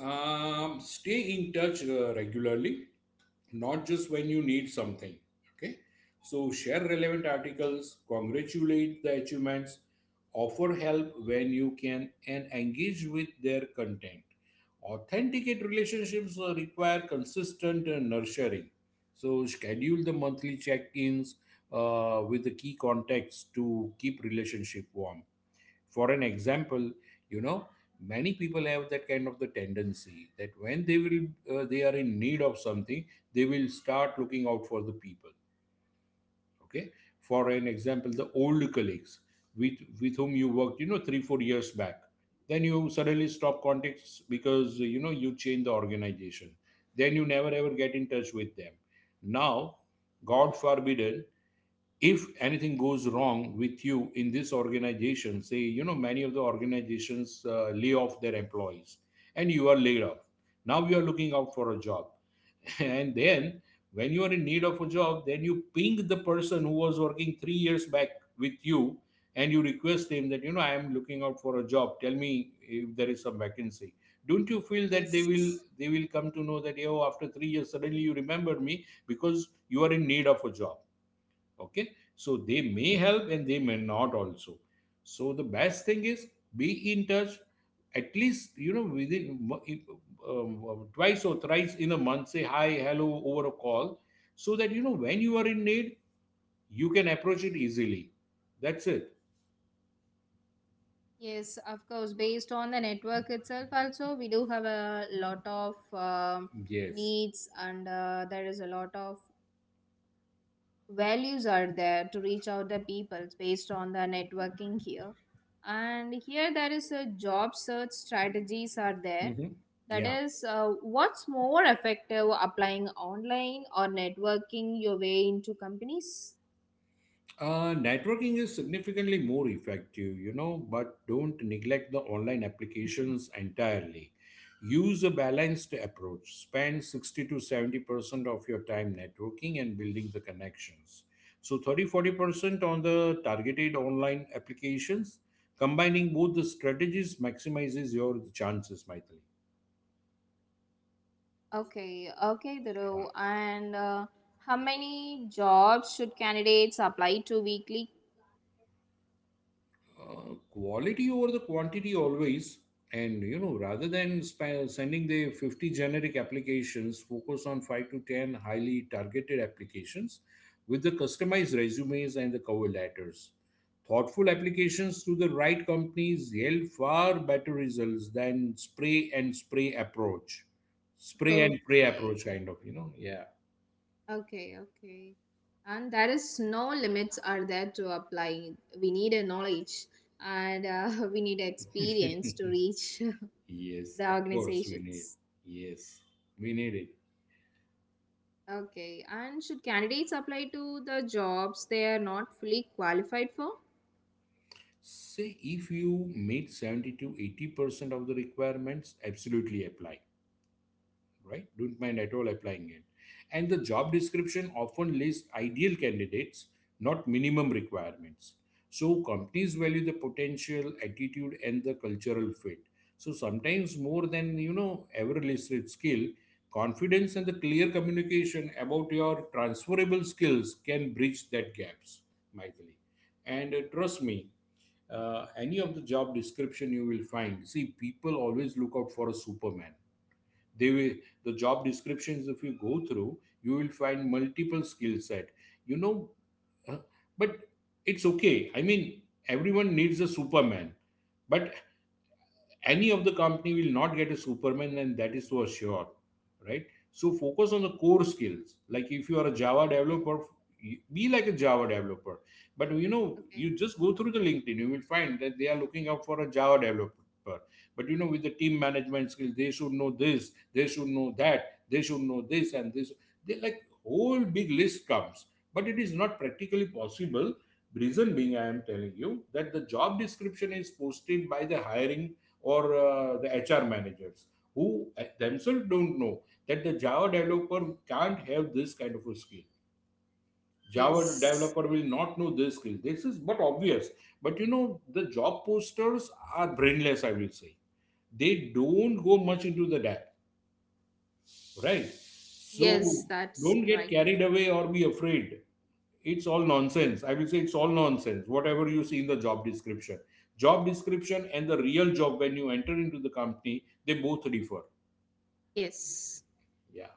Speaker 1: well. Stay in touch regularly, not just when you need something. Okay, so share relevant articles, congratulate the achievements, offer help when you can, and engage with their content. Authenticate relationships require consistent nurturing. So schedule the monthly check-ins with the key contacts to keep relationship warm. For an example, you know, many people have that kind of the tendency that when they will, they are in need of something, they will start looking out for the people. Okay, for an example, the old colleagues, with with whom you worked, you know, 3 4 years back, then you suddenly stop contacts because, you know, you change the organization, then you never ever get in touch with them. Now, god forbid, if anything goes wrong with you in this organization, say, you know, many of the organizations lay off their employees, and you are laid off. Now you are looking out for a job. And then when you are in need of a job, then you ping the person who was working 3 years back with you, and you request him that, you know, I am looking out for a job, tell me if there is some vacancy. Don't you feel that
Speaker 2: Yes,
Speaker 1: they will come to know that, oh, after 3 years suddenly you remembered me because you are in need of a job. Okay, so they may help and they may not also. So the best thing is, be in touch. At least, you know, within twice or thrice in a month, say hi hello over a call, so that, you know, when you are in need, you can approach it easily. That's it.
Speaker 2: yes, of course. Based on the network itself, also, we do have a lot of
Speaker 1: Yes.
Speaker 2: needs, and there is a lot of values are there to reach out the people based on the networking here. And here, there is a job search strategies are there.
Speaker 1: Hmm.
Speaker 2: That
Speaker 1: Yeah.
Speaker 2: is, what's more effective applying online or networking your way into companies?
Speaker 1: Networking is significantly more effective, you know, but don't neglect the online applications entirely. Use a balanced approach. Spend 60 to 70% of your time networking and building the connections. So 30 40% on the targeted online applications. Combining both the strategies maximizes your chances, Maithili.
Speaker 2: Okay, okay, Dhruv. And how many jobs should candidates apply to weekly?
Speaker 1: Quality over the quantity always, and, you know, rather than sending the 50 generic applications, focus on 5 to 10 highly targeted applications with the customized resumes and the cover letters. Thoughtful applications to the right companies yield far better results than spray and spray approach, spray and pray
Speaker 2: Okay,
Speaker 1: approach, kind of, you know. Yeah.
Speaker 2: okay, okay. And there is no limits are there to apply. We need a knowledge and we need experience to reach
Speaker 1: Yes,
Speaker 2: the
Speaker 1: of course, we need.
Speaker 2: organizations.
Speaker 1: Yes, we need it.
Speaker 2: Okay, and should candidates apply to the jobs they are not fully qualified for?
Speaker 1: Say if you meet 70 to 80% of the requirements, absolutely apply, right? Don't mind at all applying it. And the job description often lists ideal candidates, not minimum requirements. So companies value the potential, attitude, and the cultural fit. So sometimes more than, you know, ever listed skill, confidence and the clear communication about your transferable skills can bridge that gaps, Mythili. And trust me, any of the job description you will find, see, people always look out for a superman. they will the job descriptions, if you go through, you will find multiple skill set. You know uh, but it's okay, I mean, everyone needs a superman, but any of the company will not get a superman, and that is for sure, right? So focus on the core skills. Like if you are a Java
Speaker 2: Okay,
Speaker 1: developer, be like a Java developer. But you know,
Speaker 2: okay.
Speaker 1: you just go through the LinkedIn, you will find that they are looking out for a Java developer, but you know, with the team management skills, they should know this, they should know that, they should know this and this. They like whole big list comes, but it is not practically possible. Reason being, I am telling you that the job description is posted by the hiring, or the HR managers, who themselves don't know that the Java developer can't have this kind of a skill. Java
Speaker 2: Yes,
Speaker 1: developer will not know this skill. This is but obvious. But you know, the job posters are brainless, I will say. They don't go much into the depth, right?
Speaker 2: yes,
Speaker 1: So
Speaker 2: that's
Speaker 1: don't get
Speaker 2: right.
Speaker 1: carried away or be afraid. It's all nonsense. I will say it's all nonsense, whatever you see in the job description. Job description and the real job when you enter into the company, they both differ.
Speaker 2: Yes.
Speaker 1: Yeah.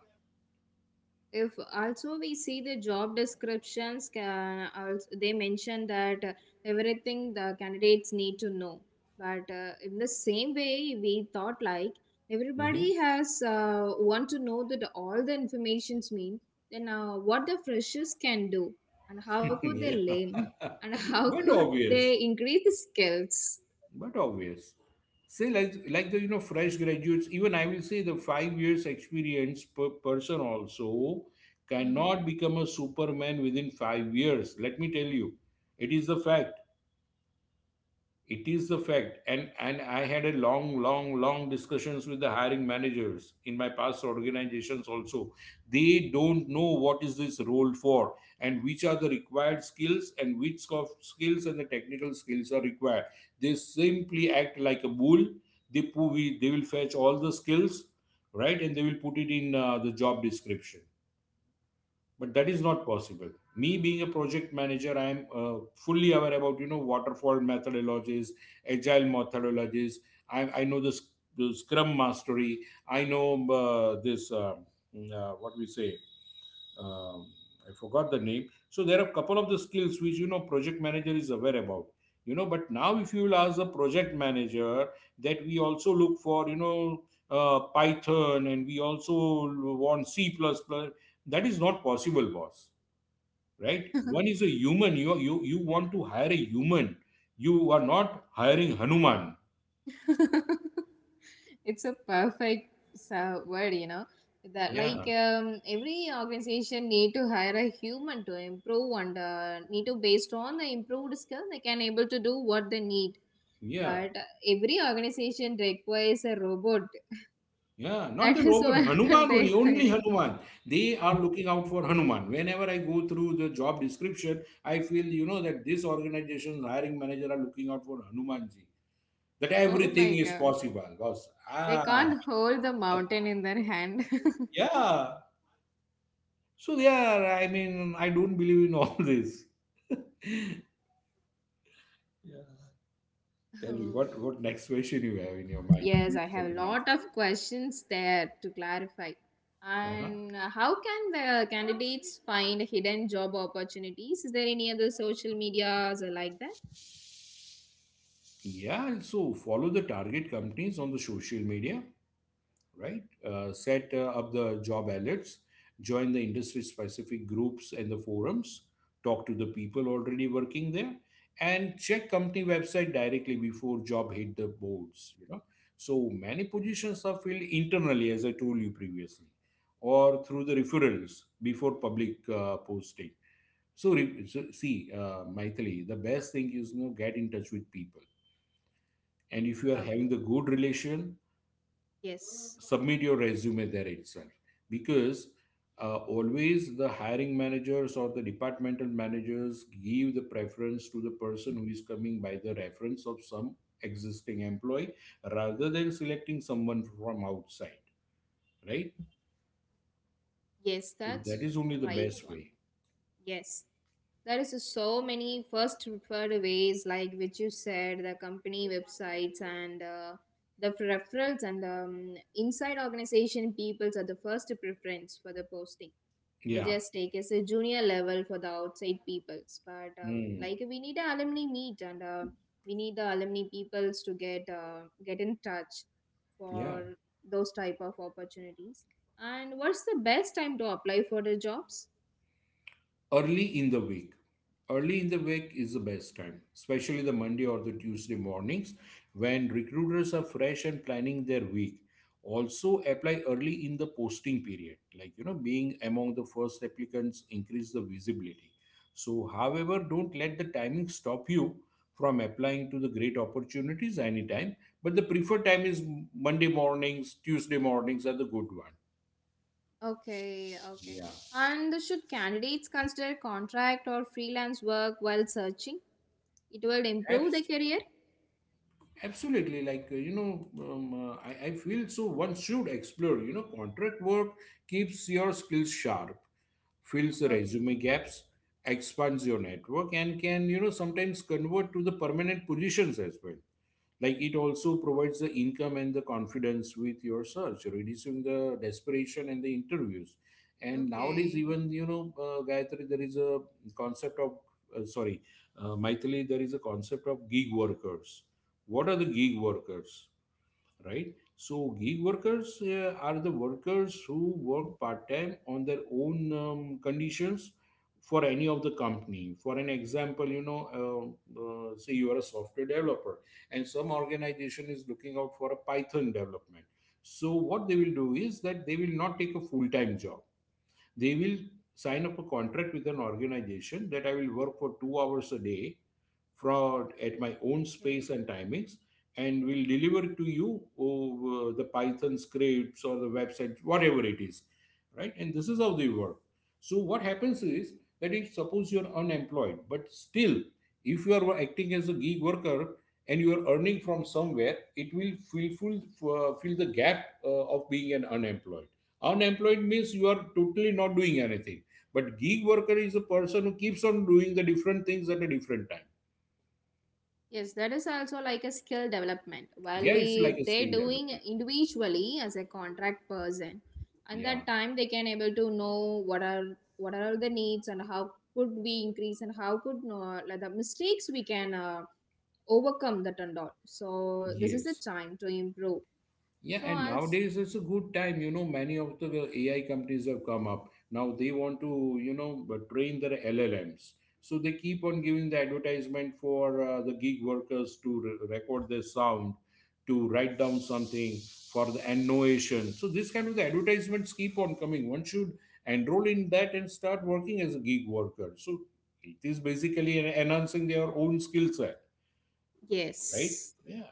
Speaker 2: If also we see the job descriptions can also they mention that everything the candidates need to know but in the same way we thought like everybody
Speaker 1: Hmm.
Speaker 2: has want to know that all the informations mean then what the freshers can do and how could they
Speaker 1: Yeah.
Speaker 2: learn and how
Speaker 1: But
Speaker 2: could they
Speaker 1: obvious.
Speaker 2: increase the skills.
Speaker 1: But obvious. Say like the fresh graduates, even I will say the 5 years experience per person also
Speaker 2: Mm-hmm.
Speaker 1: cannot become a superman within 5 years. Let me tell you, it is the fact. It is the fact. And I had a long discussions with the hiring managers in my past organizations also. They don't know what is this role for, and which are the required skills, and which soft skills and the technical skills are required. They simply act like a bull. They will fetch all the skills, right, and they will put it in the job description. But that is not possible. Me being a project manager, I am fully aware about, you know, waterfall methodologies, agile methodologies. I know the, sc- the scrum mastery. I know this what we say um, I forgot the name. So there are a couple of the skills which, you know, project manager is aware about. You know, but now if you will ask the project manager that we also look for, you know, Python, and we also want C plus plus, that is not possible, boss. Right? One is a human. You want to hire a human. You are not hiring Hanuman.
Speaker 2: It's a perfect word, you know, that like
Speaker 1: Yeah.
Speaker 2: every organization need to hire a human to improve and need to based on the improved skill they can able to do what they need,
Speaker 1: Yeah.
Speaker 2: but every organization requires a robot.
Speaker 1: Yeah, not
Speaker 2: That
Speaker 1: the
Speaker 2: is
Speaker 1: robot,
Speaker 2: what
Speaker 1: Hanuman
Speaker 2: they're
Speaker 1: only, only
Speaker 2: hiring.
Speaker 1: Hanuman. They are looking out for Hanuman. Whenever I go through the job description, I feel, you know, that this organization's hiring manager are looking out for Hanumanji. That
Speaker 2: Oh
Speaker 1: everything
Speaker 2: my
Speaker 1: is
Speaker 2: god,
Speaker 1: possible, boss.
Speaker 2: they
Speaker 1: Ah,
Speaker 2: can't hold the mountain in their hand.
Speaker 1: yeah. So, yeah, I mean, I don't believe in all this. Yeah. Tell me,
Speaker 2: Oh.
Speaker 1: what next question you have in your mind?
Speaker 2: Yes,
Speaker 1: Please
Speaker 2: I
Speaker 1: tell
Speaker 2: have a
Speaker 1: me, my.
Speaker 2: lot of questions there to clarify.
Speaker 1: Uh-huh.
Speaker 2: And how can the candidates find hidden job opportunities? Is there any other social medias or like that?
Speaker 1: Yeah, so follow the target companies on the social media, right? Set up the job alerts, join the industry specific groups and the forums, talk to the people already working there, and check company website directly before job hit the boards. You know, so many positions are filled internally, as I told you previously, or through the referrals before public posting. So, so see, Maithili, the best thing is, you know, get in touch with people, and if you are having
Speaker 2: Okay.
Speaker 1: the good relation,
Speaker 2: Yes.
Speaker 1: submit your resume there itself, because always the hiring managers or the departmental managers give the preference to the person who is coming by the reference of some existing employee, rather than selecting someone from outside, right?
Speaker 2: Yes,
Speaker 1: So that
Speaker 2: that's
Speaker 1: is only the
Speaker 2: right
Speaker 1: best
Speaker 2: one.
Speaker 1: way.
Speaker 2: Yes. There is so many first preferred ways, like which you said, the company websites and the referrals and inside organization peoples are the first preference for the posting. They
Speaker 1: Yeah.
Speaker 2: just take as a junior level for the outside peoples, but
Speaker 1: Hmm.
Speaker 2: like we need a alumni meet and we need the alumni peoples to get in touch
Speaker 1: Yeah.
Speaker 2: for those type of opportunities. And what's the best time to apply for the jobs?
Speaker 1: Early in the week. Early in the week is the best time, especially the Monday or the Tuesday mornings when recruiters are fresh and planning their week. Also, apply early in the posting period, like, you know, being among the first applicants increase the visibility. So, however, don't let the timing stop you from applying to the great opportunities anytime. But the preferred time is Monday mornings, Tuesday mornings are the good one.
Speaker 2: Okay, okay.
Speaker 1: Yeah.
Speaker 2: And should candidates consider contract or freelance work while searching? It will improve the career.
Speaker 1: Absolutely, like I feel so. One should explore. You know, contract work keeps your skills sharp, fills the
Speaker 2: Okay,
Speaker 1: resume gaps, expands your network, and can, you know, sometimes convert to the permanent positions as well. Like, it also provides the income and the confidence with your search, reducing the desperation and the interviews. And nowadays,
Speaker 2: okay,
Speaker 1: even, you know, Gayatri, there is a concept of sorry Maithili, there is a concept of gig workers. What are the gig workers, right? So gig workers are the workers who work part time on their own conditions for any of the company. For an example, you know, say you are a software developer, and some organization is looking out for a Python development. So what they will do is that they will not take a full time job. They will sign up a contract with an organization that I will work for 2 hours a day fraud at my own
Speaker 2: okay,
Speaker 1: space and timings, and will
Speaker 2: okay.
Speaker 1: deliver to you over the Python scripts or the website, whatever it is, right? And this is how they work. So what happens is that if suppose you're unemployed, but still, if you are acting as a gig worker and you are earning from somewhere, it will fill full, fill the gap of being an unemployed. Unemployed means you are totally not doing anything, but gig worker is a person who keeps on doing the different things at a different time.
Speaker 2: Yes, that is also like a skill development. While
Speaker 1: Yeah, it's like
Speaker 2: we
Speaker 1: a
Speaker 2: they're
Speaker 1: skill
Speaker 2: doing
Speaker 1: development.
Speaker 2: individually as a contract person, and that
Speaker 1: Yeah,
Speaker 2: time they can able to know what are the needs and how could we increase and how could no like the mistakes we can overcome that and all. So this is the
Speaker 1: yes.
Speaker 2: time to improve.
Speaker 1: Yeah,
Speaker 2: So
Speaker 1: and
Speaker 2: I'll.
Speaker 1: nowadays it's a good time. You know, many of the AI companies have come up. Now they want to, you know, but train their LLMs. So they keep on giving the advertisement for the gig workers to record their sound, to write down something for the annotation. So this kind of the advertisements keep on coming. One should enroll in that and start working as a gig worker. So it is basically enhancing their own skill set, right?
Speaker 2: Yes.
Speaker 1: Yeah.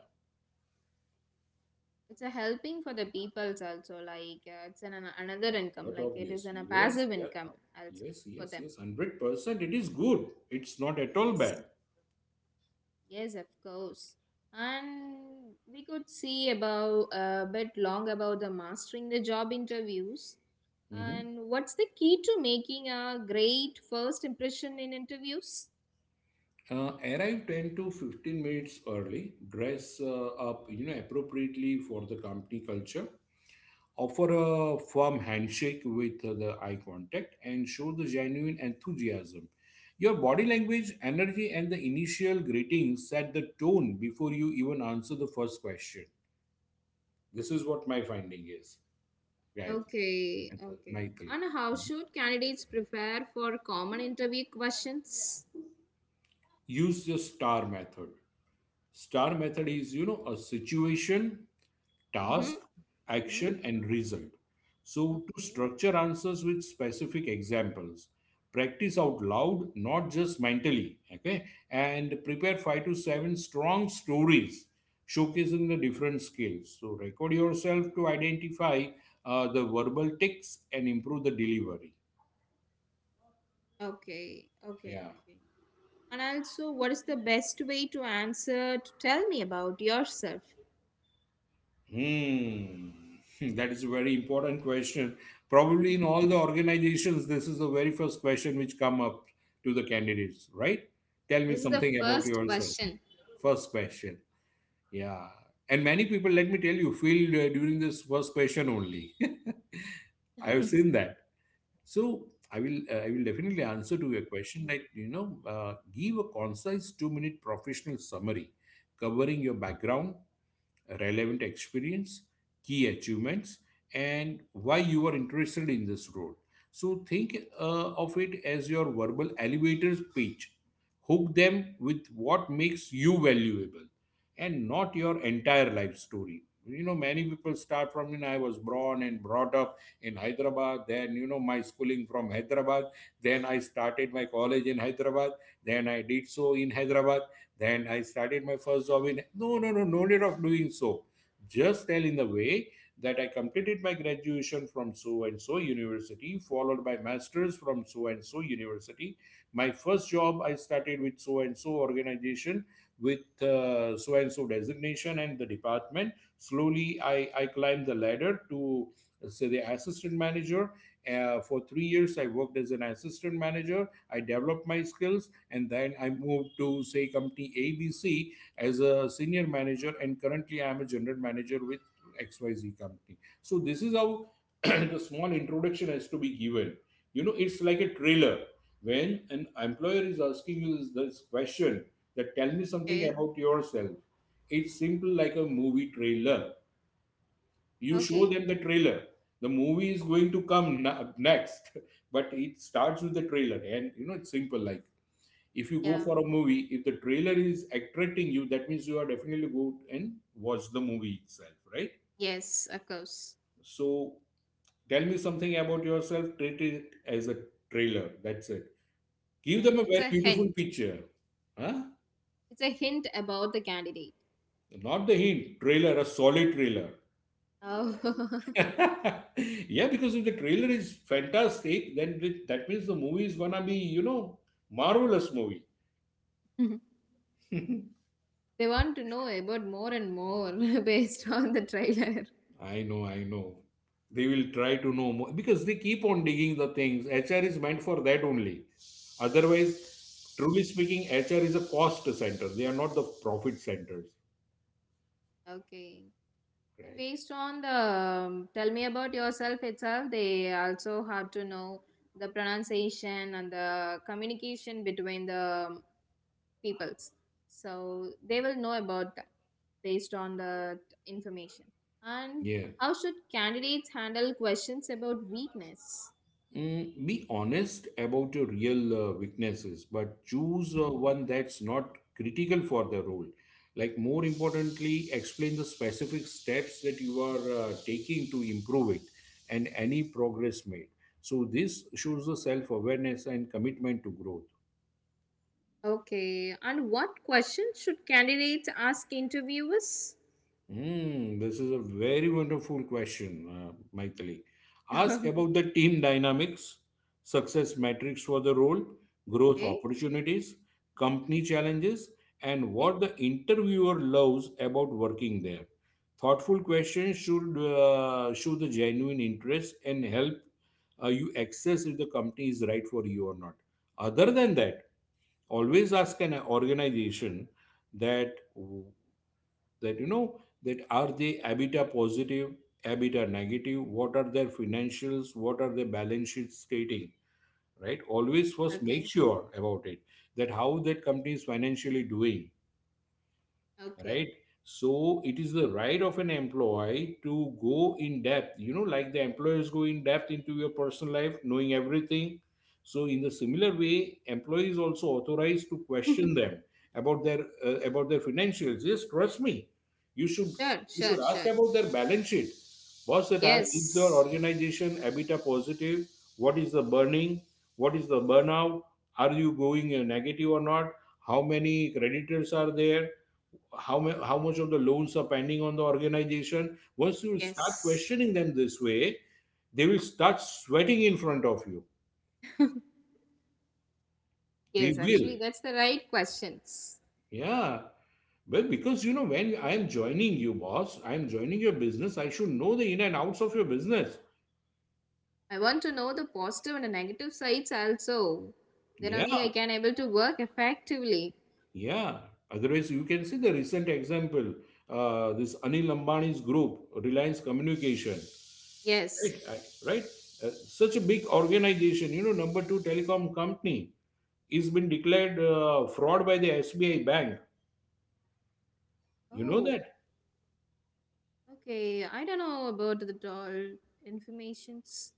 Speaker 2: It's a helping for the peoples also like it's an another
Speaker 1: Yeah,
Speaker 2: income
Speaker 1: but
Speaker 2: like it is
Speaker 1: obvious.
Speaker 2: an, a
Speaker 1: Yes,
Speaker 2: passive
Speaker 1: yeah.
Speaker 2: income also
Speaker 1: Yes,
Speaker 2: for
Speaker 1: yes,
Speaker 2: them.
Speaker 1: yes. 100%. It is good. It's not at all
Speaker 2: Yes.
Speaker 1: bad.
Speaker 2: Yes, of course. And we could see about a bit long about the mastering the job interviews
Speaker 1: Mhm.
Speaker 2: and what's the key to making a great first impression in interviews?
Speaker 1: Arrive 10 to 15 minutes early, dress up, you know, appropriately for the company culture, offer a firm handshake with the eye contact, and show the genuine enthusiasm. Your body language, energy, and the initial greetings set the tone before you even answer the first question. This is what my finding is, guys.
Speaker 2: Okay, okay.
Speaker 1: Nightly.
Speaker 2: And how should candidates prepare for common interview questions?
Speaker 1: Use the star method. Star method is, you know, a situation,
Speaker 2: Mm-hmm.
Speaker 1: task,
Speaker 2: Hmm.
Speaker 1: action, and result. So, to
Speaker 2: Okay.
Speaker 1: structure answers with specific examples, practice out loud, not just mentally. Okay. And prepare 5 to 7 strong stories showcasing the different skills. So, record yourself to identify the verbal ticks and improve the delivery.
Speaker 2: Okay, okay,
Speaker 1: Yeah.
Speaker 2: okay. And also, what is the best way to answer to tell me about yourself?
Speaker 1: Hmm. Hmm, that is a very important question. Probably in all the organizations, this is the very first question which come up to the candidates, right? Tell me
Speaker 2: This is the
Speaker 1: something about
Speaker 2: first
Speaker 1: yourself.
Speaker 2: question.
Speaker 1: First question. Yeah. And many people, let me tell you, feel during this first question only. I have seen that. So I will definitely answer to your question. Like, you know, give a concise 2-minute professional summary covering your background, relevant experience, key achievements, and why you are interested in this role. So think of it as your verbal elevator pitch. Hook them with what makes you valuable and not your entire life story. You know, many people start from, you know, I was born and brought up in Hyderabad, then, you know, my schooling from Hyderabad, then I started my college in Hyderabad, then I did so in Hyderabad, then I started my first job in, no, no, no, no need of doing so. Just tell in the way that I completed my graduation from so and so university, followed by masters from so and so university. My first job I started with so and so organization with so and so designation and the department. Slowly I climbed the ladder to say the assistant manager. For 3 years I worked as an assistant manager. I developed my skills and then I moved to say company ABC as a senior manager, and currently I am a general manager with XYZ company. So this is how the small introduction has to be given. You know, it's like a trailer when an employer is asking you this question, that tell me something
Speaker 2: Okay,
Speaker 1: about yourself. It's simple like a movie trailer. You show
Speaker 2: okay.
Speaker 1: them the trailer. The movie is going to come next, but it starts with the trailer, and you know it's simple like, if you go
Speaker 2: Yeah,
Speaker 1: for a movie, if the trailer is attracting you, that means you are definitely go and watch the movie itself, right?
Speaker 2: yes, of course.
Speaker 1: So, tell me something about yourself, treat it as a trailer, that's it. Give
Speaker 2: Yeah,
Speaker 1: them a
Speaker 2: it's
Speaker 1: very
Speaker 2: a hint.
Speaker 1: beautiful picture. Huh.
Speaker 2: It's a hint about the candidate.
Speaker 1: Not the hint, trailer, a solid trailer.
Speaker 2: Oh.
Speaker 1: Yeah, because if the trailer is fantastic, then that means the movie is gonna be, you know, marvelous movie.
Speaker 2: They want to know about more and more based on the trailer.
Speaker 1: I know, I know. They will try to know more because they keep on digging the things. HR is meant for that only. Otherwise, truly speaking, HR is a cost center. They are not the profit centers.
Speaker 2: Okay.
Speaker 1: Right.
Speaker 2: Based on the tell me about yourself itself, they also have to know the pronunciation and the communication between the peoples. So they will know about that based on the information. And
Speaker 1: Yeah.
Speaker 2: how should candidates handle questions about weakness?
Speaker 1: Be honest about your real weaknesses, but choose one that's not critical for the role. Like, more importantly, explain the specific steps that you are taking to improve it and any progress made. So, this shows the self awareness and commitment to growth.
Speaker 2: Okay, and what questions should candidates ask interviewers?
Speaker 1: This is a very wonderful question, Maithili. Ask about the team dynamics, success metrics for the role, growth
Speaker 2: Okay.
Speaker 1: opportunities,
Speaker 2: Mhm.
Speaker 1: company challenges, and
Speaker 2: Okay.
Speaker 1: what the interviewer loves about working there. Thoughtful questions should show the genuine interest and help you access if the company is right for you or not. Other than that, always ask an organization that that you know, that are they ebitda positive, ebitda negative, what are their financials, what are their balance sheet stating, right? Always first make
Speaker 2: Okay.
Speaker 1: sure about it, that how that company is financially doing,
Speaker 2: Okay.
Speaker 1: right? So it is the right of an employee to go in depth, you know, like the employers go in depth into your personal life knowing everything. So in the similar way employees also authorized to question them about their financials. Yes, trust me, you should,
Speaker 2: Sure,
Speaker 1: you should
Speaker 2: sure,
Speaker 1: ask
Speaker 2: sure.
Speaker 1: about their balance sheet, boss. That ask, is your
Speaker 2: Yes,
Speaker 1: organization ebitda positive? What is the burning, what is the burnout, are you going negative or not, how many creditors are there, how much of the loans are pending on the organization? Once you start
Speaker 2: yes,
Speaker 1: questioning them this way, they will start sweating in front of you. They
Speaker 2: yes. Actually,
Speaker 1: will,
Speaker 2: that's the right questions.
Speaker 1: yeah, well, because you know, when I am joining you, boss, I am joining your business, I should know the in and outs of your business.
Speaker 2: I want to know the positive and the negative sides also. Then only I
Speaker 1: Yeah,
Speaker 2: can able to work effectively.
Speaker 1: yeah. Otherwise you can see the recent example, this Anil Ambani's group, Reliance Communication.
Speaker 2: Yes.
Speaker 1: Right. Uh, Such a big organization, you know, number 2 telecom company is been declared fraud by the SBI bank. You know
Speaker 2: Oh,
Speaker 1: that.
Speaker 2: okay. I don't know about the doll informations.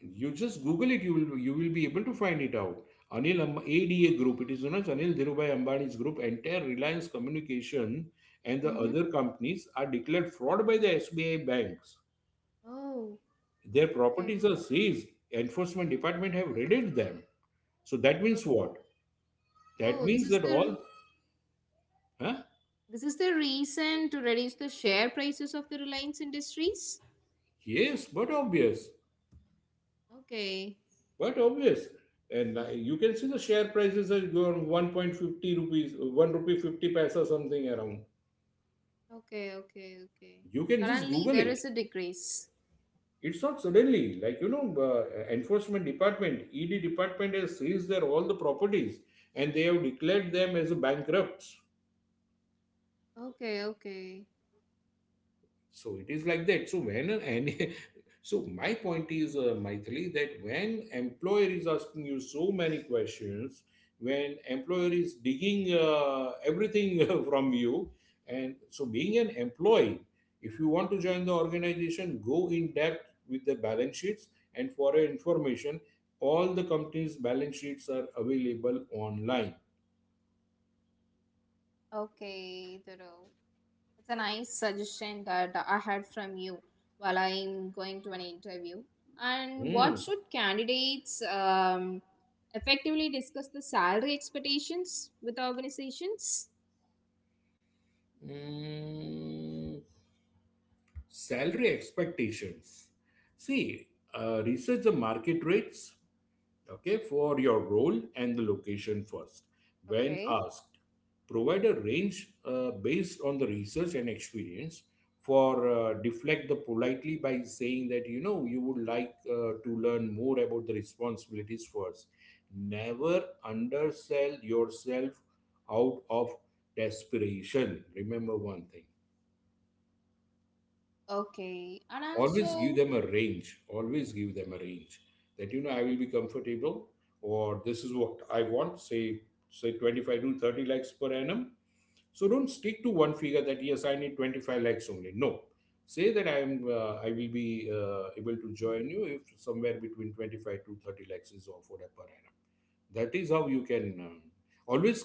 Speaker 1: You just Google it. You will be able to find it out. ADA Group. It is known as Anil Dhirubhai Ambani's group. Entire Reliance Communication and the
Speaker 2: Mm-hmm.
Speaker 1: other companies are declared fraud by the SBI banks.
Speaker 2: Oh,
Speaker 1: Their
Speaker 2: okay.
Speaker 1: properties are seized. Enforcement department have raided them. So that
Speaker 2: Okay.
Speaker 1: means what? That
Speaker 2: Oh, this
Speaker 1: means
Speaker 2: is
Speaker 1: that all.
Speaker 2: the,
Speaker 1: Huh?
Speaker 2: this is the reason to reduce the share prices of the Reliance Industries.
Speaker 1: Yes, but obvious.
Speaker 2: Okay.
Speaker 1: Quite obvious. And you can see the share prices are going 1.50 rupees, 1 rupee 50 paisa, something around.
Speaker 2: Okay. Okay. Okay.
Speaker 1: You can just
Speaker 2: Suddenly
Speaker 1: Google
Speaker 2: there
Speaker 1: it.
Speaker 2: is a decrease.
Speaker 1: It's not suddenly, like, you know, enforcement department, ED department has seized their all the properties and they have declared them as bankrupts.
Speaker 2: Okay, okay.
Speaker 1: So it is like that. So when, and so my point is, Maithili, that when employer is asking you so many questions, when employer is digging everything from you, and so being an employee, if you want to join the organization, go in depth with the balance sheets. And for your information, all the companies' balance sheets are available online.
Speaker 2: Okay, Dhruv. It's a nice suggestion that I had from you while I'm going to an interview. And what
Speaker 1: Hmm.
Speaker 2: should candidates effectively discuss the salary expectations with organizations?
Speaker 1: Hmm. Salary expectations. See, research the market rates, okay, for your role and the location first. When
Speaker 2: Okay.
Speaker 1: asked, provide a range based on the research and experience. For Deflect the politely by saying that, you know, you would like to learn more about the responsibilities first. Never undersell yourself out of desperation. Remember one thing,
Speaker 2: Okay, and
Speaker 1: always give
Speaker 2: also
Speaker 1: them a range, always give them a range, that, you know, I will be comfortable, or this is what I want, say, say 25 to 30 lakhs per annum. So don't stick to one figure that yes, I need 25 lakhs only. No, say that I am I will be able to join you if somewhere between 25 to 30 lakhs is offered per annum. That is how you can always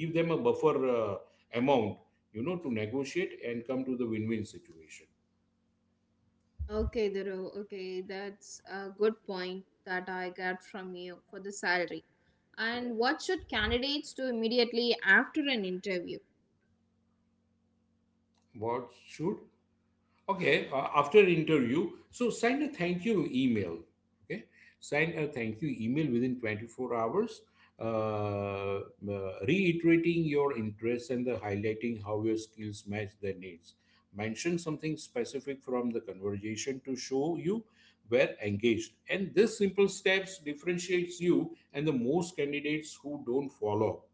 Speaker 1: give them a buffer uh, amount, you know, to negotiate and come to the win-win situation.
Speaker 2: okay, Dhruv. Okay, that's a good point that I got from you for the salary.
Speaker 1: Yeah.
Speaker 2: And what should candidates do immediately after an interview?
Speaker 1: What should. Okay, after interview, so send a thank you email. Okay, send a thank you email within 24 hours, reiterating your interest and the highlighting how your skills match their needs. Mention something specific from the conversation to show you were engaged. And this simple steps differentiates you and the most candidates who don't follow.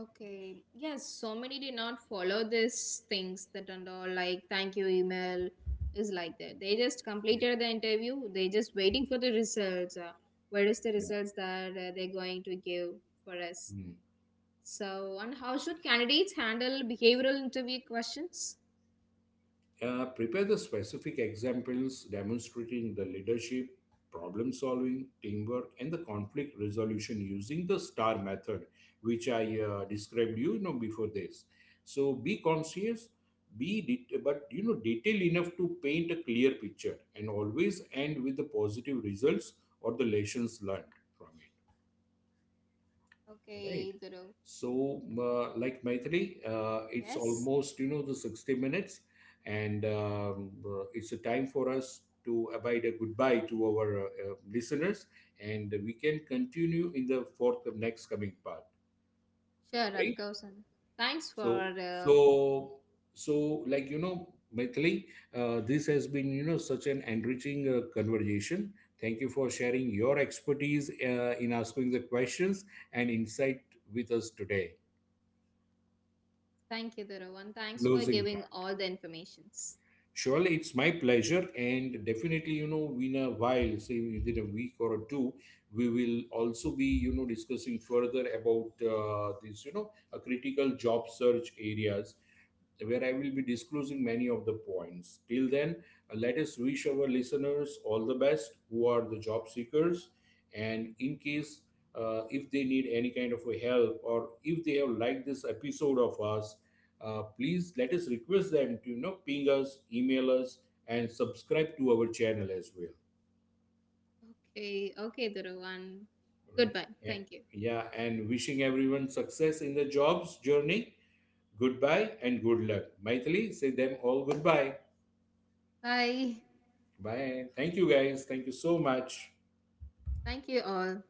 Speaker 2: Okay. Yes, so many did not follow these things that and all like thank you email is like that. They just
Speaker 1: Yeah,
Speaker 2: completed the interview. They just waiting for the results. Where is the
Speaker 1: yeah.
Speaker 2: results that they're going to give for us?
Speaker 1: Hmm.
Speaker 2: So, and how should candidates handle behavioral interview questions?
Speaker 1: Prepare the specific examples demonstrating the leadership, problem solving, teamwork, and the conflict resolution using the STAR method, which I described you, you know, before this. So be conscious, but you know detailed enough to paint a clear picture, and always end with the positive results or the lessons learned from it. Right.
Speaker 2: Okay, Dhruv.
Speaker 1: So, like Maitri, it's
Speaker 2: Yes,
Speaker 1: almost, you know, the 60 minutes, and it's a time for us to abide a goodbye to our listeners, and we can continue in the fourth of next coming part,
Speaker 2: sure, of
Speaker 1: right?
Speaker 2: course. And thanks for
Speaker 1: So, so, so, like, you know, Maitri, this has been, you know, such an enriching conversation. Thank you for sharing your expertise in asking the questions and insight with us today.
Speaker 2: thank you, Dhruv, and thanks for
Speaker 1: Closing plan.
Speaker 2: giving all the informations.
Speaker 1: Surely it's my pleasure, and definitely, you know, in a while, say within a week or two, we will also be, you know, discussing further about this, you know, a critical job search areas where I will be disclosing many of the points. Till then, let us wish our listeners all the best who are the job seekers. And in case if they need any kind of a help or if they have liked this episode of us, please let us request them to, you know, ping us, email us, and subscribe to our channel as well.
Speaker 2: Okay, okay, Duruvan.
Speaker 1: All right.
Speaker 2: Goodbye.
Speaker 1: Yeah,
Speaker 2: Thank you.
Speaker 1: yeah, and wishing everyone success in the jobs journey. Goodbye and good luck. Maithili, say them all goodbye.
Speaker 2: Bye.
Speaker 1: Bye. Thank you guys. Thank you so much.
Speaker 2: Thank you all.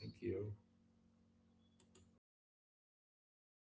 Speaker 1: Thank you.